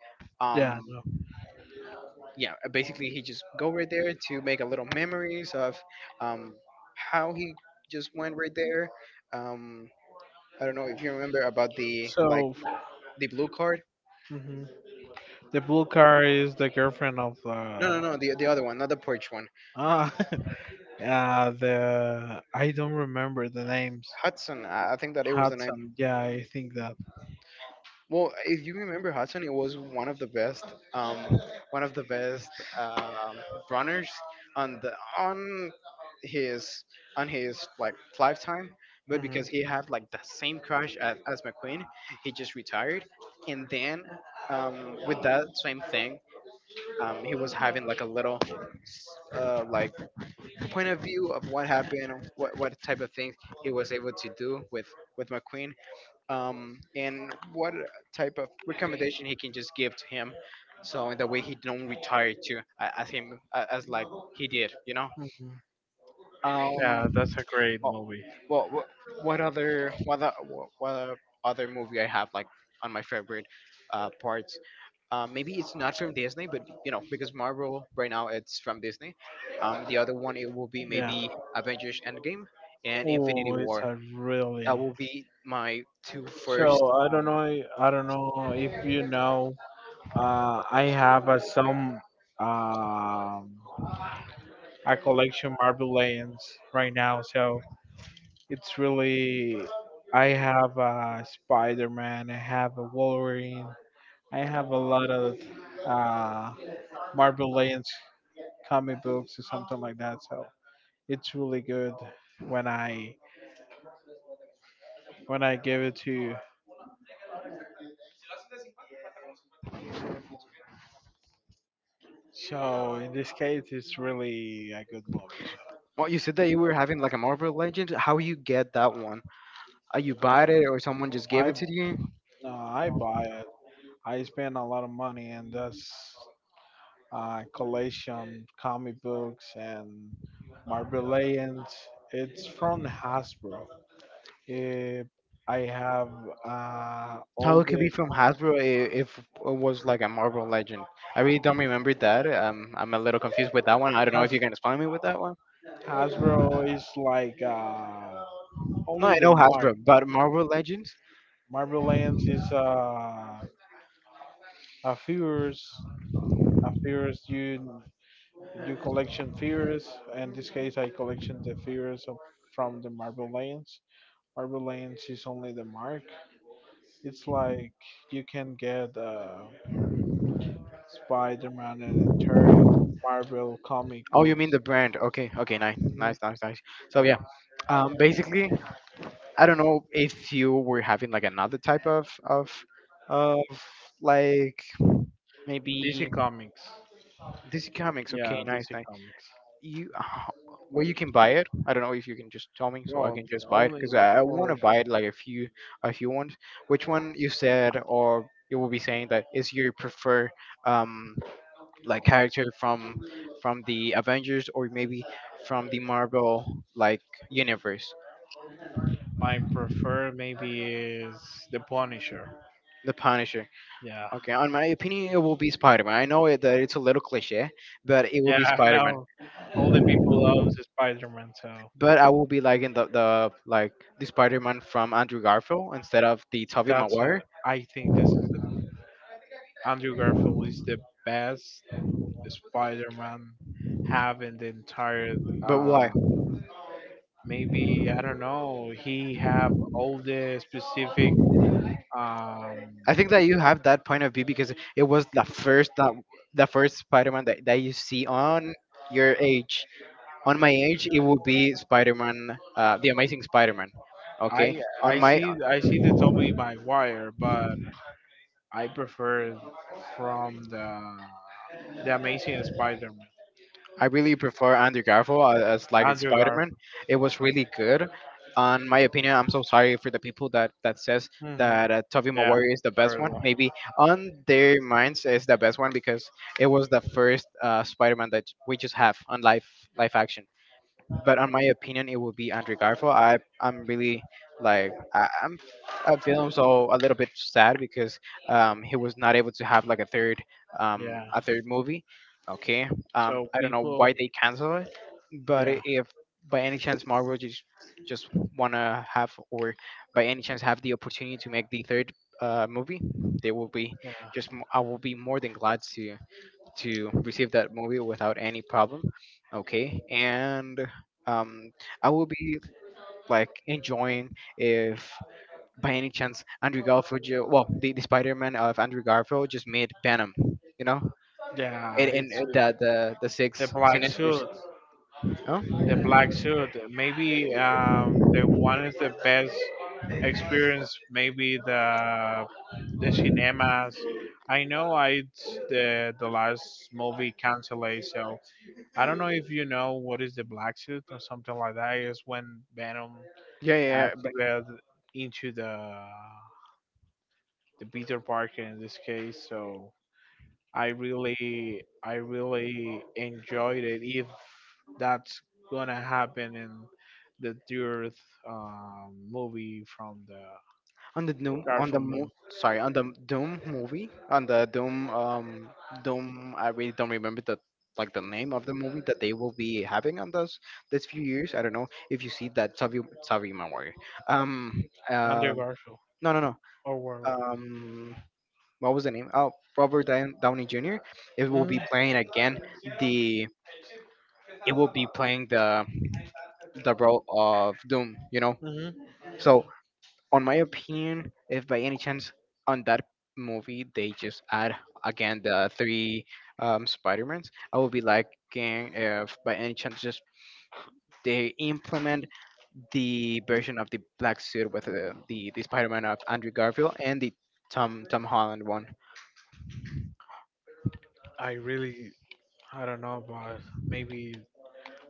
Speaker 2: yeah,
Speaker 1: Um,
Speaker 2: no.
Speaker 1: yeah, uh, basically he just go right there to make a little memories of, um, how he just went right there. Um, I don't know if you remember about the, like,
Speaker 2: So.
Speaker 1: the blue card—
Speaker 2: Mhm. The blue car is the girlfriend of
Speaker 1: no no
Speaker 2: the
Speaker 1: no, the, the other one, not the porch one.
Speaker 2: ah yeah, the I don't remember the names.
Speaker 1: Hudson, i I think that it was the name.
Speaker 2: Hudson. Yeah, I think that.
Speaker 1: Well, if you remember Hudson, it was one of the best, um, one of the best um runners on the on his on his, like, lifetime. But
Speaker 2: Mhm,
Speaker 1: because he had like the same crash as, as McQueen, he just retired, and then, um, with that same thing, um, he was having like a little uh, like point of view of what happened, what what type of things he was able to do with with McQueen, um, and what type of recommendation he can just give to him, so in that way he don't retire too a- as him a- as like he did, you know.
Speaker 2: mhm.
Speaker 1: Um,
Speaker 2: Yeah, that's a great
Speaker 1: well,
Speaker 2: movie.
Speaker 1: well, what what other, what other, what other other movie I have like on my favorite uh, parts? Uh, maybe it's not from Disney, but you know because Marvel right now it's from Disney. Um, the other one it will be
Speaker 2: Yeah.
Speaker 1: maybe Avengers Endgame and Infinity
Speaker 2: Oh, it's
Speaker 1: War.
Speaker 2: a really.
Speaker 1: That will be my two first
Speaker 2: So I
Speaker 1: um,
Speaker 2: don't know. i- I don't know if you know. Uh, I have uh, some um, a collection marble legends right now. So it's really. I have a Spider-Man. I have a Wolverine. I have a lot of uh, marble legends comic books or something like that. So it's really good when I when I give it to you. So in this case, it's really a good movie. So
Speaker 1: Well, you said that you were having like a Marvel Legend. How you get that one? Uh, you bought it, or someone just gave
Speaker 2: I
Speaker 1: it to
Speaker 2: uh,
Speaker 1: you?
Speaker 2: I buy it. I spend a lot of money, and that's uh, collection comic books and Marvel Legends. It's from Hasbro. It, I have uh, all
Speaker 1: How it can
Speaker 2: the.
Speaker 1: be from Hasbro i- if it was like a Marvel Legend? I really don't remember that. Um, I'm a little confused with that one. I don't know if
Speaker 2: Has,
Speaker 1: you can explain me with that one.
Speaker 2: Hasbro is like uh,
Speaker 1: No,
Speaker 2: only
Speaker 1: I
Speaker 2: the
Speaker 1: know
Speaker 2: mark.
Speaker 1: Hasbro, but Marvel Legends.
Speaker 2: Marvel Legends is uh, a figures a figures, you You collection figures. In this case, I collection the figures of, from the Marble Legends. Marble Legends is only the mark. It's like you can get uh, Spider-Man and entire Marvel comic
Speaker 1: Oh, you mean
Speaker 2: books.
Speaker 1: the brand? Okay, okay, nice,
Speaker 2: Mhm.
Speaker 1: nice, nice, nice. So
Speaker 2: Yeah,
Speaker 1: yeah, um, basically, I don't know if you were having like another type of of of like
Speaker 2: D C
Speaker 1: maybe
Speaker 2: Comics.
Speaker 1: D C Comics.
Speaker 2: Yeah,
Speaker 1: Okay, nice,
Speaker 2: D C
Speaker 1: nice.
Speaker 2: Comics.
Speaker 1: You uh, where you can buy it, I don't know if you can just tell me so I
Speaker 2: Well,
Speaker 1: can just
Speaker 2: the
Speaker 1: buy it
Speaker 2: only
Speaker 1: because i, I want
Speaker 2: for.
Speaker 1: to buy it like if you if you want, which one you said or you will be saying that is your prefer, um like character from from the Avengers or maybe from the Marvel like universe.
Speaker 2: My prefer maybe is the Punisher.
Speaker 1: The Punisher.
Speaker 2: Yeah,
Speaker 1: Okay, on my opinion it will be Spider-Man, I know it, that it's a little cliche, but it will
Speaker 2: yeah,
Speaker 1: be
Speaker 2: I
Speaker 1: Spider-Man.
Speaker 2: know. All the people love Spider Man, so
Speaker 1: But I will be liking the, the like the Spider-Man from Andrew Garfield instead of the Tobey
Speaker 2: that's uh,
Speaker 1: Maguire.
Speaker 2: I think this is the Andrew Garfield is the best Spider-Man have in the entire.
Speaker 1: But why?
Speaker 2: Uh, Maybe I don't know. He have all the specific. Um,
Speaker 1: I think that you have that point of view because it was the first that the first Spider-Man that, that you see on your age. On my age, it would be Spider-Man, uh, the Amazing Spider-Man.
Speaker 2: I
Speaker 1: Okay. On
Speaker 2: I
Speaker 1: my,
Speaker 2: see I see the Tobey Maguire, but I prefer from the the Amazing Spider-Man.
Speaker 1: I really prefer Andrew Garfield a- as like a
Speaker 2: Andrew Garfield.
Speaker 1: Spider-Man. It was really good. On my opinion, I'm so sorry for the people that that says
Speaker 2: Hmm.
Speaker 1: that uh, Tobey
Speaker 2: Yeah,
Speaker 1: Maguire is the best one.
Speaker 2: preferable.
Speaker 1: Maybe on their minds is the best one because it was the first uh, Spider-Man that we just have on live live action. But on my opinion, it would be Andrew Garfield. I I'm really like I, I'm I feel so a little bit sad because um he was not able to have like a third um
Speaker 2: Yeah.
Speaker 1: a third movie. Okay, um
Speaker 2: So
Speaker 1: I don't know
Speaker 2: people.
Speaker 1: why they canceled it, but i-
Speaker 2: Yeah,
Speaker 1: if by any chance Marvel just just wanna have or by any chance have the opportunity to make the third uh movie, they will be
Speaker 2: yeah.
Speaker 1: just m- I will be more than glad to to receive that movie without any problem. Okay, and um I will be like enjoying if by any chance Andrew Garfield ju- well the, the Spider-Man of Andrew Garfield just made Venom, you know,
Speaker 2: Yeah,
Speaker 1: and, and
Speaker 2: it's
Speaker 1: uh,
Speaker 2: uh,
Speaker 1: the the the
Speaker 2: the
Speaker 1: six
Speaker 2: black
Speaker 1: sinisters.
Speaker 2: suit.
Speaker 1: Oh
Speaker 2: The black suit. Maybe, um, the one is the best experience. Maybe the the cinemas. I know, I the the last movie canceled, so I don't know if you know what is the black suit or something like that. Is when Venom
Speaker 1: yeah, yeah, yeah, but
Speaker 2: activated into the the Peter Parker in this case. So I really I really enjoyed it. If that's gonna happen in the third, um, movie from the
Speaker 1: on the Doom on the
Speaker 2: Garfield
Speaker 1: mo-
Speaker 2: movie,
Speaker 1: sorry on the Doom movie on the Doom um Doom, I really don't remember the like the name of the movie that they will be having on those this few years. I don't know if you see that Tavi Tavi Maguire. Um
Speaker 2: Andrew
Speaker 1: um
Speaker 2: Garfield
Speaker 1: no, no, no.
Speaker 2: or Warlock.
Speaker 1: um what was the name? Oh, Robert Down- Downey Junior It will
Speaker 2: Mm,
Speaker 1: be playing again the it will be playing the the role of Doom. You know,
Speaker 2: mhm.
Speaker 1: so on my opinion, if by any chance on that movie they just add again the three um, Spider-Mans, I would be liking if by any chance just they implement the version of the black suit with the the, the Spider-Man of Andrew Garfield and the Tom Tom Holland one.
Speaker 2: I really I don't know, but maybe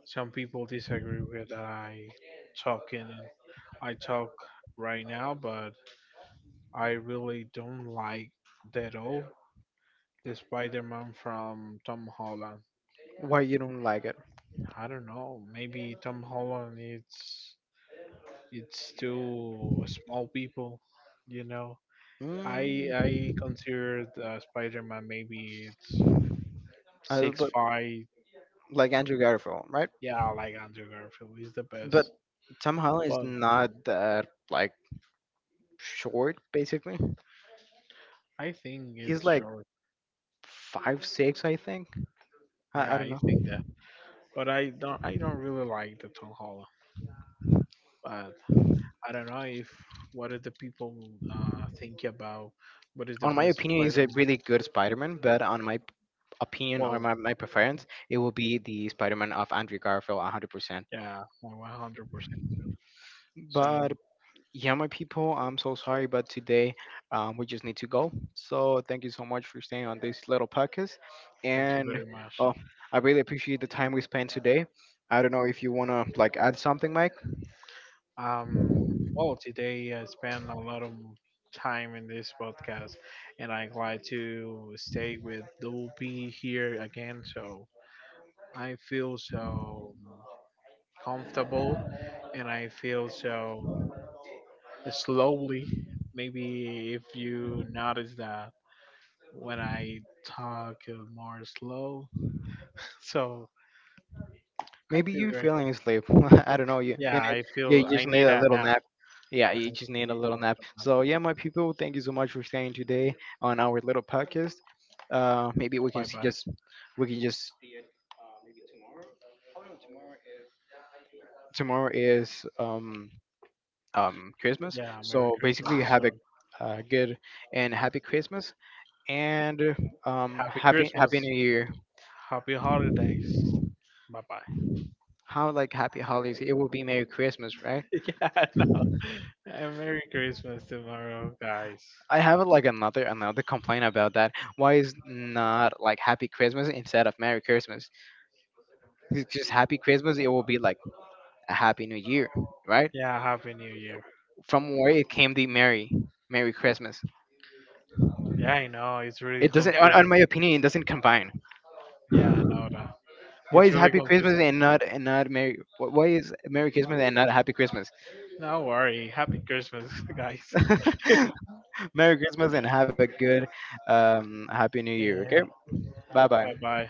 Speaker 2: some people disagree with that, I talk in I talk right now, but I really don't like that all the Spider-Man from Tom Holland.
Speaker 1: Why you don't like it?
Speaker 2: I don't know. Maybe Tom Holland it's it's too small people. You know, I
Speaker 1: Mm,
Speaker 2: I considered uh, Spider-Man maybe it's
Speaker 1: I,
Speaker 2: six
Speaker 1: but
Speaker 2: five.
Speaker 1: like Andrew Garfield, right?
Speaker 2: Yeah, like Andrew Garfield is the
Speaker 1: But
Speaker 2: best.
Speaker 1: Tom Holland is
Speaker 2: Well,
Speaker 1: not that like short. Basically,
Speaker 2: I think
Speaker 1: he's
Speaker 2: it's
Speaker 1: like
Speaker 2: short.
Speaker 1: five six, I think. I, I
Speaker 2: Yeah,
Speaker 1: don't
Speaker 2: I
Speaker 1: know.
Speaker 2: think that. But I don't I don't really like the Tom Holland. But I don't know if what are the people uh think about what is the
Speaker 1: On my
Speaker 2: best
Speaker 1: opinion, he's a
Speaker 2: Spider-Man.
Speaker 1: really good Spider-Man, but on my p- opinion or
Speaker 2: Well,
Speaker 1: my, my preference, it will be the Spider-Man of Andrew Garfield one hundred percent.
Speaker 2: yeah, uh, one hundred percent. So
Speaker 1: But yeah, my people, I'm so sorry, but today um, we just need to go. So thank you so much for staying on this little podcast.
Speaker 2: thank you
Speaker 1: And
Speaker 2: very much.
Speaker 1: oh, I really appreciate the time we spent today. I don't know if you want to like add something, Mike.
Speaker 2: Um, well, today I spent a lot of time in this podcast, and I'm glad to stay with Double P here again. So I feel so comfortable, and I feel so slowly. Maybe if you notice that when I talk uh, more slow, so I
Speaker 1: Maybe
Speaker 2: feel
Speaker 1: you're
Speaker 2: great.
Speaker 1: feeling asleep. I don't know. You, you
Speaker 2: Yeah,
Speaker 1: know,
Speaker 2: I
Speaker 1: yeah,
Speaker 2: feel
Speaker 1: you
Speaker 2: I
Speaker 1: just need
Speaker 2: need
Speaker 1: a
Speaker 2: that
Speaker 1: little
Speaker 2: now.
Speaker 1: nap. Yeah, you
Speaker 2: And
Speaker 1: just
Speaker 2: you
Speaker 1: need a
Speaker 2: need to
Speaker 1: little nap.
Speaker 2: wrap up.
Speaker 1: So yeah, my people, thank you so much for staying today on our little podcast. Uh, maybe we can
Speaker 2: Bye
Speaker 1: s-
Speaker 2: bye.
Speaker 1: just we can just tomorrow is um um Christmas.
Speaker 2: Yeah, Merry
Speaker 1: So basically,
Speaker 2: Christmas.
Speaker 1: have a
Speaker 2: So
Speaker 1: uh, good and happy Christmas and um
Speaker 2: happy
Speaker 1: happy happy
Speaker 2: Christmas.
Speaker 1: New Year.
Speaker 2: Happy holidays. Bye bye.
Speaker 1: How like happy holidays? It will be Merry Christmas, right?
Speaker 2: yeah, no. And Merry Christmas tomorrow, guys.
Speaker 1: I have like another another complaint about that. Why is not like Happy Christmas instead of Merry Christmas? It's just Happy Christmas. It will be like a Happy New Year, right?
Speaker 2: Yeah, Happy New Year.
Speaker 1: From where it came the Merry Merry Christmas.
Speaker 2: Yeah, I know. It's really
Speaker 1: It doesn't, on, on
Speaker 2: confusing.
Speaker 1: my opinion, it doesn't combine.
Speaker 2: Yeah, I know that.
Speaker 1: Why
Speaker 2: It's
Speaker 1: is
Speaker 2: really
Speaker 1: Happy
Speaker 2: confusing.
Speaker 1: Christmas and not and not Merry? wh- Why is Merry Christmas and not Happy Christmas?
Speaker 2: No worry. Happy Christmas, guys. yeah.
Speaker 1: Merry Christmas and have a good, um, Happy New Year. Okay, bye bye.
Speaker 2: Bye bye.